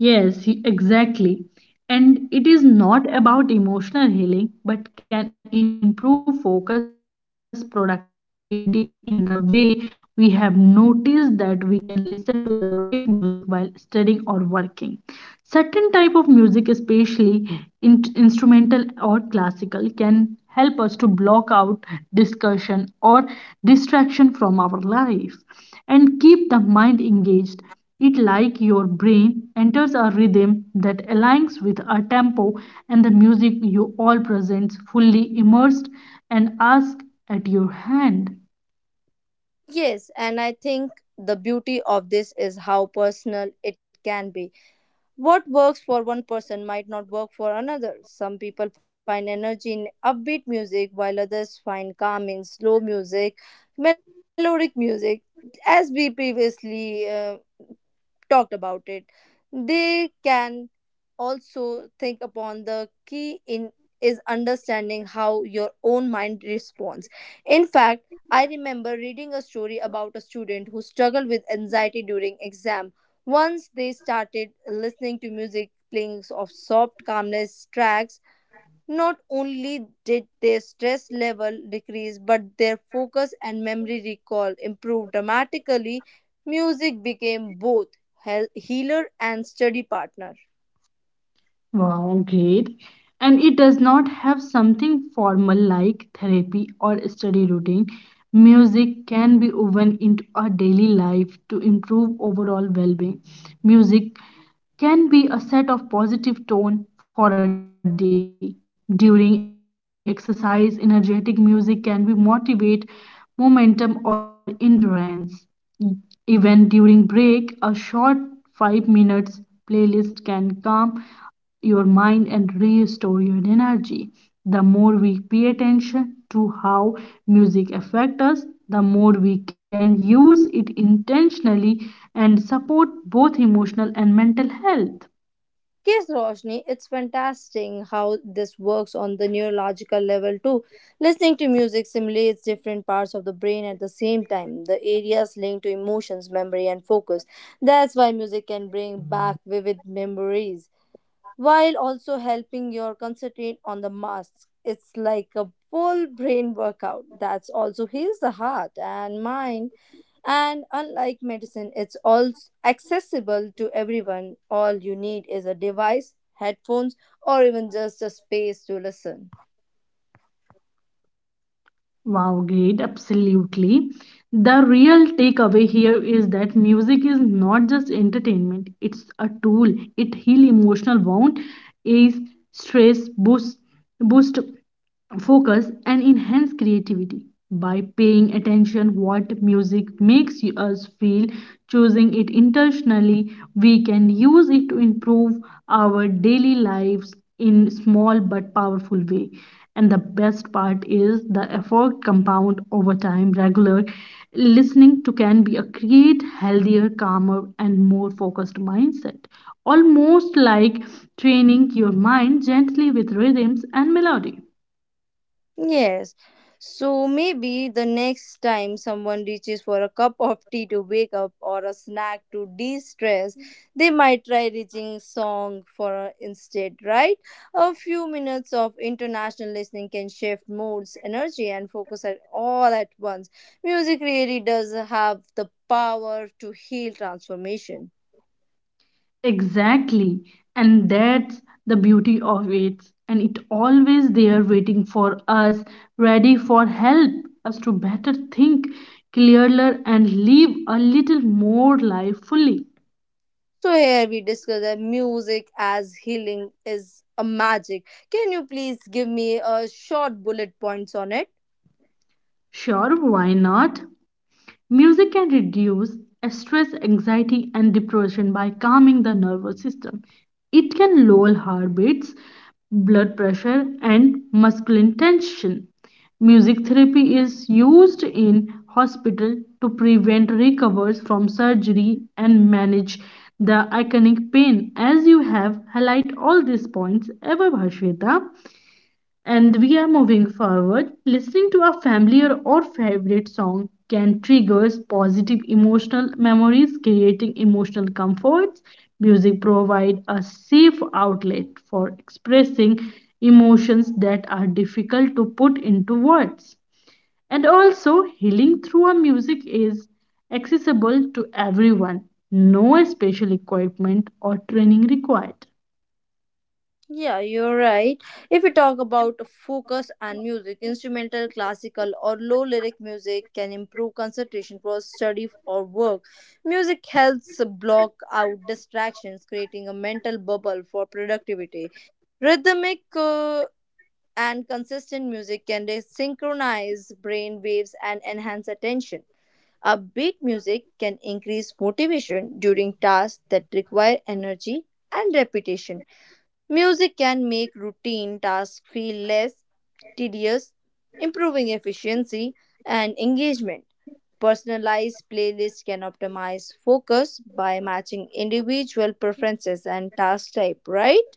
B: Yes, exactly. And it is not about emotional healing, but can improve focus productivity in the way we have noticed that we can listen to the right music while studying or working. Certain type of music, especially instrumental or classical, can help us to block out discussion or distraction from our life and keep the mind engaged, it like your brain enters a rhythm that aligns with a tempo and the music you all presents fully immersed and ask at your hand.
A: Yes, and I think the beauty of this is how personal it can be. What works for one person might not work for another. Some people find energy in upbeat music, while others find calm in slow music, melodic music. As we previously talked about it, they can also think upon the key in is understanding how your own mind responds. In fact, I remember reading a story about a student who struggled with anxiety during exam. Once they started listening to music playing of soft calmness tracks, not only did their stress level decrease but their focus and memory recall improved dramatically. Music became both healer and study partner.
B: Wow, great. And it does not have something formal like therapy or study routine. Music can be woven into our daily life to improve overall well being. Music can be a set of positive tone for a day. During exercise, energetic music can be motivate, momentum, or endurance. Even during break, a short 5 minutes playlist can calm your mind and restore your energy. The more we pay attention to how music affects us, the more we can use it intentionally and support both emotional and mental health.
A: Yes, Roshni, it's fantastic how this works on the neurological level too. Listening to music simulates different parts of the brain at the same time, the areas linked to emotions, memory, and focus. That's why music can bring back vivid memories while also helping your concentrate on the masks. It's like a full brain workout that's also heals the heart and mind. And unlike medicine, it's also accessible to everyone. All you need is a device, headphones, or even just a space to listen.
B: Wow, great, absolutely. The real takeaway here is that music is not just entertainment, it's a tool. It heals emotional wound, is stress, boost focus and enhance creativity by paying attention what music makes us feel, choosing it intentionally, we can use it to improve our daily lives in small but powerful way. And the best part is the effort compound over time, regular listening to can be a create healthier, calmer and more focused mindset, almost like training your mind gently with rhythms and melody.
A: Yes. So maybe the next time someone reaches for a cup of tea to wake up or a snack to de stress, they might try reaching song for instead, right? A few minutes of international listening can shift moods, energy, and focus at all at once. Music really does have the power to heal transformation.
B: Exactly. And that's the beauty of it. And it always there waiting for us, ready for help, us to better think, clearer and live a little more life fully.
A: So here we discuss that music as healing is a magic. Can you please give me a short bullet points on it?
B: Sure, why not? Music can reduce stress, anxiety, and depression by calming the nervous system. It can lower heartbeats, blood pressure, and muscular tension. Music therapy is used in hospital to prevent recovers from surgery and manage the iconic pain. As you have highlighted all these points, ever Bhashweta, and we are moving forward. Listening to a familiar or favorite song can trigger positive emotional memories, creating emotional comforts. Music provides a safe outlet for expressing emotions that are difficult to put into words. And also, healing through a music is accessible to everyone, no special equipment or training required.
A: Yeah, you're right. If we talk about focus and music, instrumental, classical, or low lyric music can improve concentration for study or work. Music helps block out distractions, creating a mental bubble for productivity. Rhythmic and consistent music can synchronize brain waves and enhance attention. Upbeat music can increase motivation during tasks that require energy and repetition. Music can make routine tasks feel less tedious, improving efficiency and engagement. Personalized playlists can optimize focus by matching individual preferences and task type, right?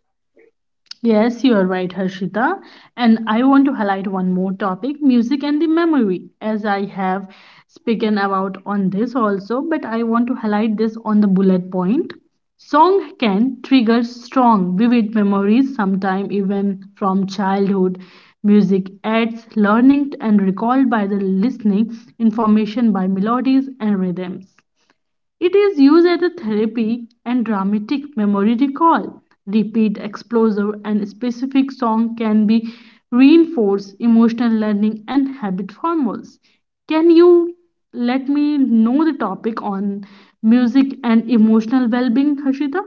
B: Yes, you are right, Harshita. And I want to highlight one more topic, music and the memory, as I have spoken about on this also, but I want to highlight this on the bullet point. Song can trigger strong, vivid memories, sometimes even from childhood. Music adds learning and recalled by the listening, information by melodies and rhythms. It is used as a therapy and dramatic memory recall. Repeat, exposure, and specific song can be reinforce emotional learning and habit formals. Can you let me know the topic on music and emotional well-being, Harshita?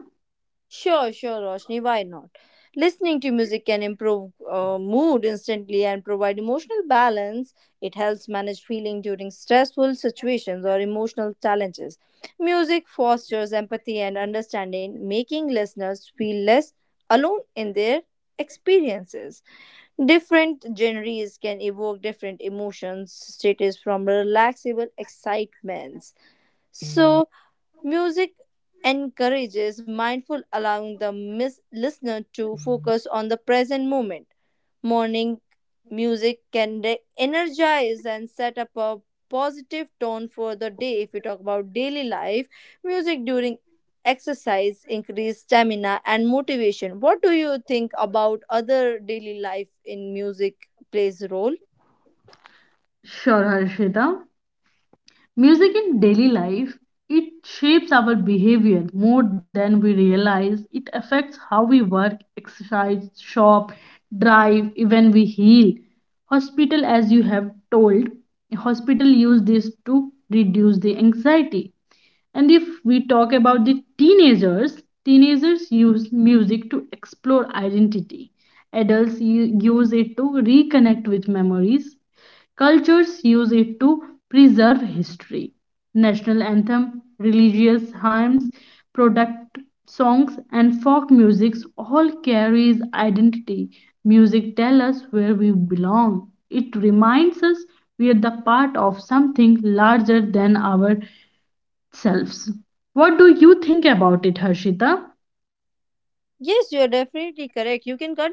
A: Sure, sure, Roshni, why not? Listening to music can improve mood instantly and provide emotional balance. It helps manage feeling during stressful situations or emotional challenges. Music fosters empathy and understanding, making listeners feel less alone in their experiences. Different genres can evoke different emotions, states from relaxable excitements. So, music encourages mindful, allowing the listener to focus on the present moment. Morning music can energize and set up a positive tone for the day. If we talk about daily life, music during exercise increase stamina and motivation. What do you think about other daily life in music plays role?
B: Sure, Harshita. Music in daily life, it shapes our behavior more than we realize. It affects how we work, exercise, shop, drive, even we heal. Hospital, as you have told, hospital use this to reduce the anxiety. And if we talk about the teenagers, teenagers use music to explore identity. Adults use it to reconnect with memories. Cultures use it to preserve history. National anthem, religious hymns, product songs and folk music all carries identity. Music tells us where we belong. It reminds us we are the part of something larger than ourselves. What do you think about it, Harshita?
A: Yes, you are definitely correct. You can continue.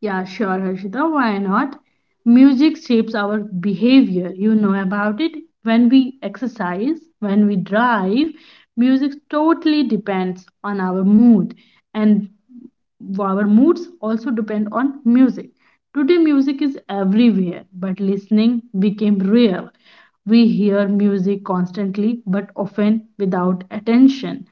B: Yeah, sure, Harshita. Why not? Music shapes our behavior. You know about it. When we exercise, when we drive, music totally depends on our mood. And our moods also depend on music. Today, music is everywhere, but listening became rare. We hear music constantly, but often without attention.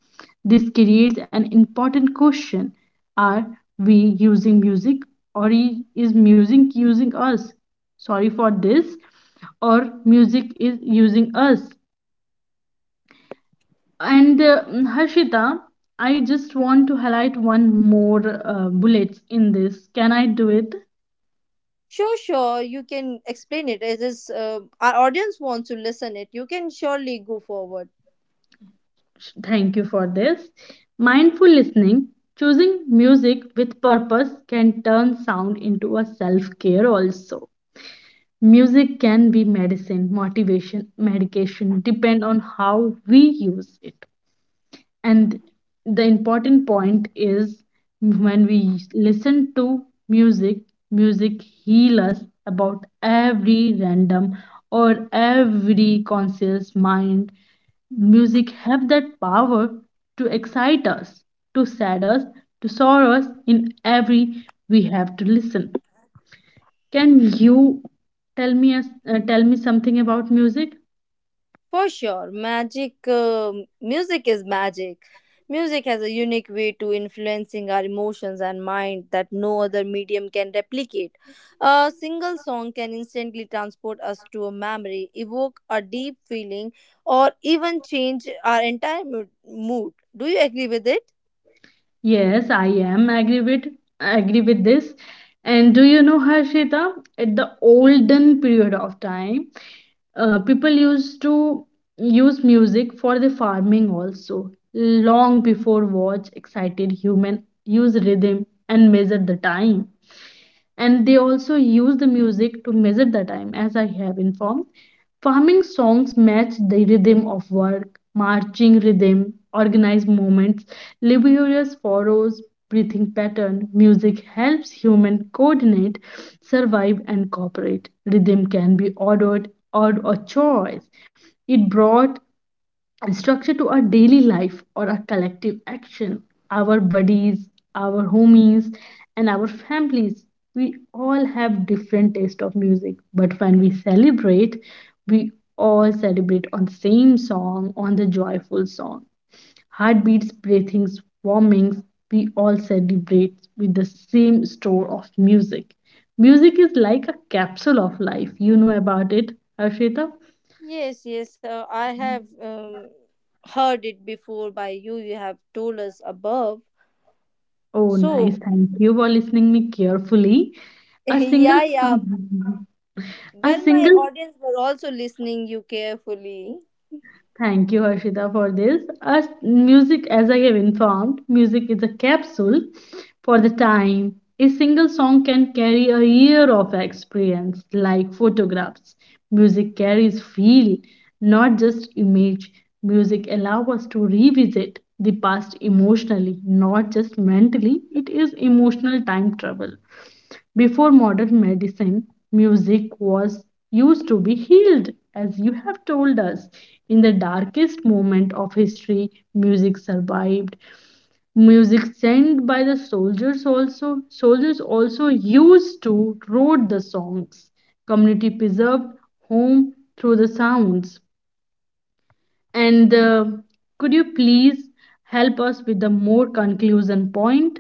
B: This creates an important question. Are we using music or is music using us? Sorry for this. Or music is using us. And Harshita, I just want to highlight one more bullets in this. Can I do it?
A: Sure, sure. You can explain it. As is, our audience wants to listen it. You can surely go forward.
B: Thank you for this. Mindful listening, choosing music with purpose can turn sound into a self care also. Music can be medicine, motivation, medication, depend on how we use it. And the important point is when we listen to music, music heal us about every random or every conscious mind. Music have that power to excite us, to sad us, to sorrow us in every we have to listen. Can you tell me a, tell me something about music?
A: For sure, magic. Music is magic. Music has a unique way to influencing our emotions and mind that no other medium can replicate. A single song can instantly transport us to a memory, evoke a deep feeling, or even change our entire mood. Do you agree with it?
B: Yes, I am agree with this. And do you know Harshita? At the olden period of time, people used to use music for the farming also. Long before watch excited human use rhythm and measure the time. And they also use the music to measure the time as I have informed, farming songs match the rhythm of work, marching rhythm organized movements, laborious furrows, breathing pattern music helps human coordinate, survive and cooperate, rhythm can be ordered or a choice, it brought and structure to our daily life or our collective action, our buddies, our homies, and our families. We all have different taste of music, but when we celebrate, we all celebrate on same song, on the joyful song. Heartbeats, breathings, warmings, we all celebrate with the same store of music. Music is like a capsule of life. You know about it, Harshita?
A: Yes, yes, I have heard it before by you. You have told us above.
B: Oh, nice.
A: So,
B: Thank you for listening me carefully. A single
A: yeah, yeah.
B: song, a
A: Well, my
B: single
A: audience were also listening you carefully.
B: Thank you, Harshita, for this. As music, as I have informed, music is a capsule for the time. A single song can carry a year of experience, like photographs. Music carries feel, not just image. Music allows us to revisit the past emotionally, not just mentally. It is emotional time travel. Before modern medicine, music was used to be healed, as you have told us. In the darkest moment of history, music survived. Music sent by the soldiers, also soldiers also used to wrote the songs. Community preserved home through the sounds. And could you please help us with the more conclusion point?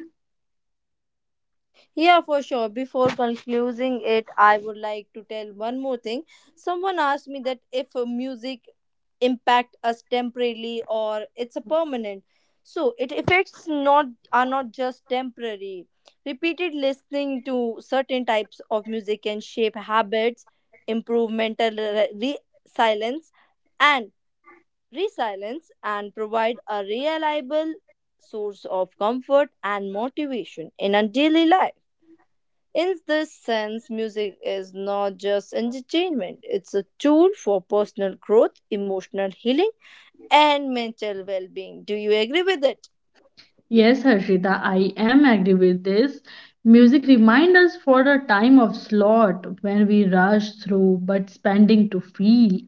A: Yeah, for sure. Before concluding it, I would like to tell one more thing. Someone asked me that if music impact us temporarily or it's a permanent. So it effects not are not just temporary. Repeated listening to certain types of music can shape habits, improve mental re- re- silence and resilience, and provide a reliable source of comfort and motivation in our daily life. In this sense, music is not just entertainment, it's a tool for personal growth, emotional healing, and mental well being. Do you agree with it?
B: Yes, Harshita, I am agree with this. Music reminds us for the time of slot when we rush through but spending to feel.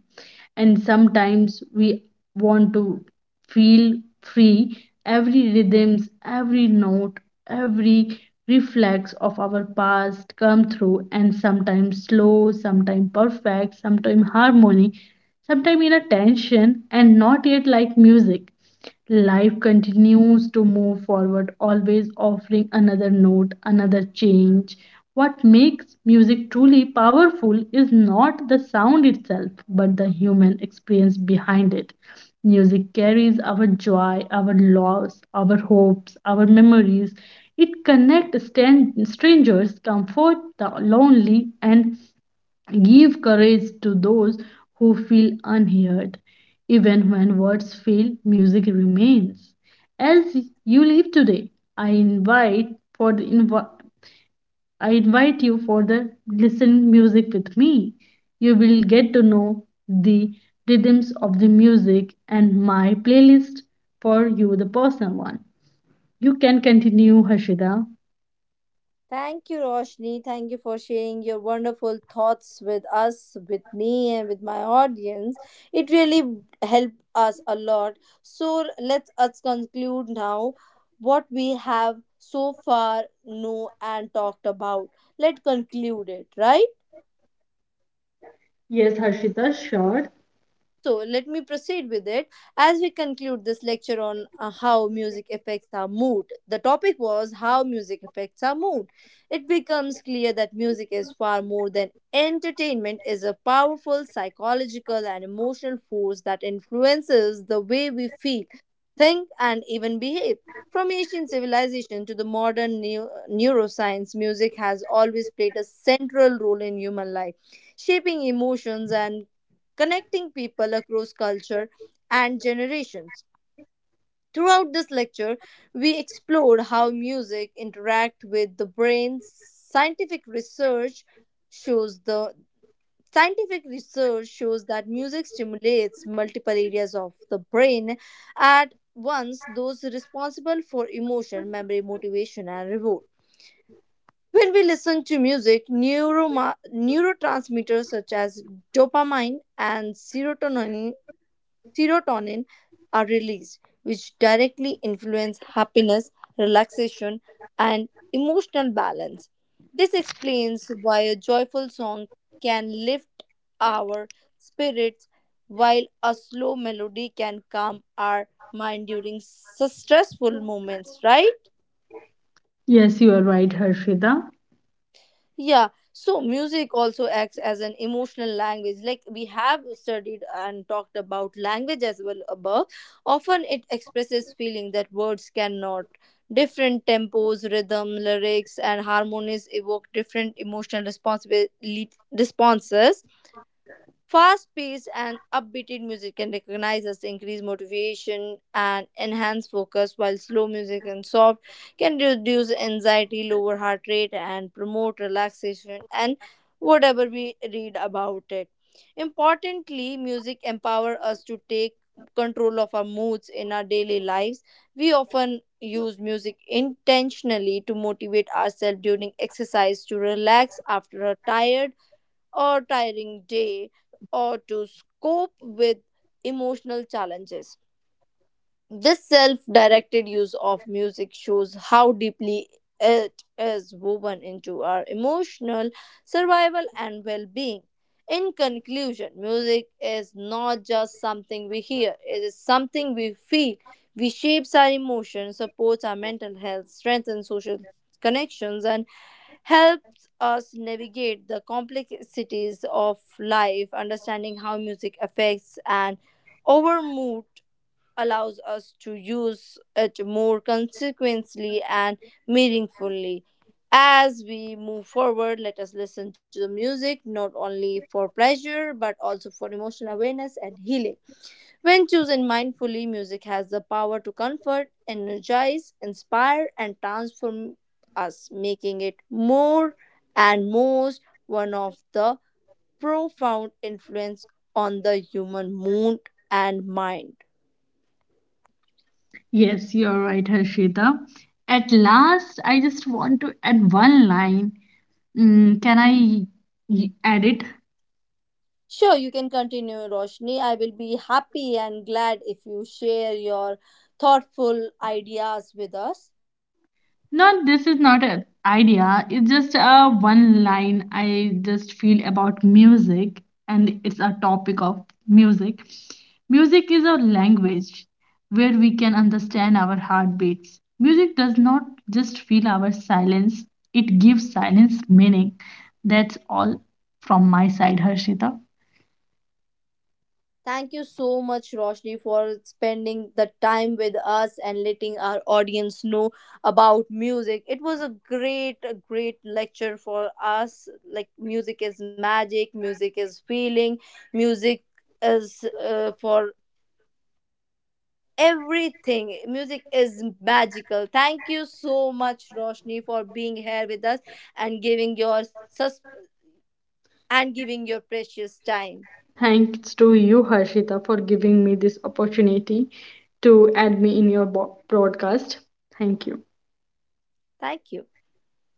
B: And sometimes we want to feel free. Every rhythms, every note, every reflex of our past come through and sometimes slow, sometimes perfect, sometimes harmony, sometimes in a tension and not yet like music. Life continues to move forward, always offering another note, another change. What makes music truly powerful is not the sound itself, but the human experience behind it. Music carries our joy, our loss, our hopes, our memories. It connects strangers, comforts the lonely, and give courage to those who feel unheard. Even when words fail, music remains. As you leave today, I invite for the invi- I invite you for the listen music with me. You will get to know the rhythms of the music and my playlist for you the personal one. You can continue Harshita.
A: Thank you, Roshni. Thank you for sharing your wonderful thoughts with us, with me, and with my audience. It really helped us a lot. So, let us conclude now what we have so far know and talked about. Let's conclude it, right?
B: Yes, Harshita, sure.
A: So let me proceed with it as we conclude this lecture on how music affects our mood. The topic was how music affects our mood. It becomes clear that music is far more than entertainment is a powerful psychological and emotional force that influences the way we feel, think and even behave. From ancient civilization to the modern neuroscience, music has always played a central role in human life, shaping emotions and connecting people across culture and generations. Throughout this lecture, we explored how music interacts with the brain. scientific research shows the Scientific research shows that music stimulates multiple areas of the brain at once, those responsible for emotion, memory, motivation and reward. When we listen to music, neurotransmitters such as dopamine and serotonin are released, which directly influence happiness, relaxation, and emotional balance. This explains why a joyful song can lift our spirits, while a slow melody can calm our mind during stressful moments, right?
B: Yes, you are right, Harshita.
A: Yeah, so music also acts as an emotional language. Like we have studied and talked about language as well above. Often it expresses feeling that words cannot. Different tempos, rhythm, lyrics, and harmonies evoke different emotional responsibility responses. Fast paced and upbeat music can recognize us, increase motivation, and enhance focus, while slow music and soft can reduce anxiety, lower heart rate, and promote relaxation, and whatever we read about it. Importantly, music empower us to take control of our moods in our daily lives. We often use music intentionally to motivate ourselves during exercise, to relax after a tired or tiring day or to cope with emotional challenges. This self directed use of music shows how deeply it is woven into our emotional survival and well being. In conclusion, music is not just something we hear, it is something we feel. We shapes our emotions, supports our mental health, strengthens social connections, and helps us navigate the complexities of life, understanding how music affects and our mood allows us to use it more consequently and meaningfully. As we move forward, let us listen to the music not only for pleasure but also for emotional awareness and healing. When chosen mindfully, music has the power to comfort, energize, inspire, and transform us, making it more and most one of the profound influence on the human mood and mind.
B: Yes, you're right, Harshita. At last, I just want to add one line. Mm, can I add it?
A: Sure, you can continue, Roshni. I will be happy and glad if you share your thoughtful ideas with us.
B: Not this is not an idea. It's just a one line I just feel about music, and it's a topic of music. Music is a language where we can understand our heartbeats. Music does not just feel our silence, it gives silence meaning. That's all from my side, Harshita.
A: Thank you so much, Roshni, for spending the time with us and letting our audience know about music. It was a great lecture for us. Like, music is magic, music is feeling, music is for everything. Music is magical. Thank you so much, Roshni, for being here with us and giving your precious time.
B: Thanks to you, Harshita, for giving me this opportunity to add me in your broadcast. Thank you.
A: Thank you.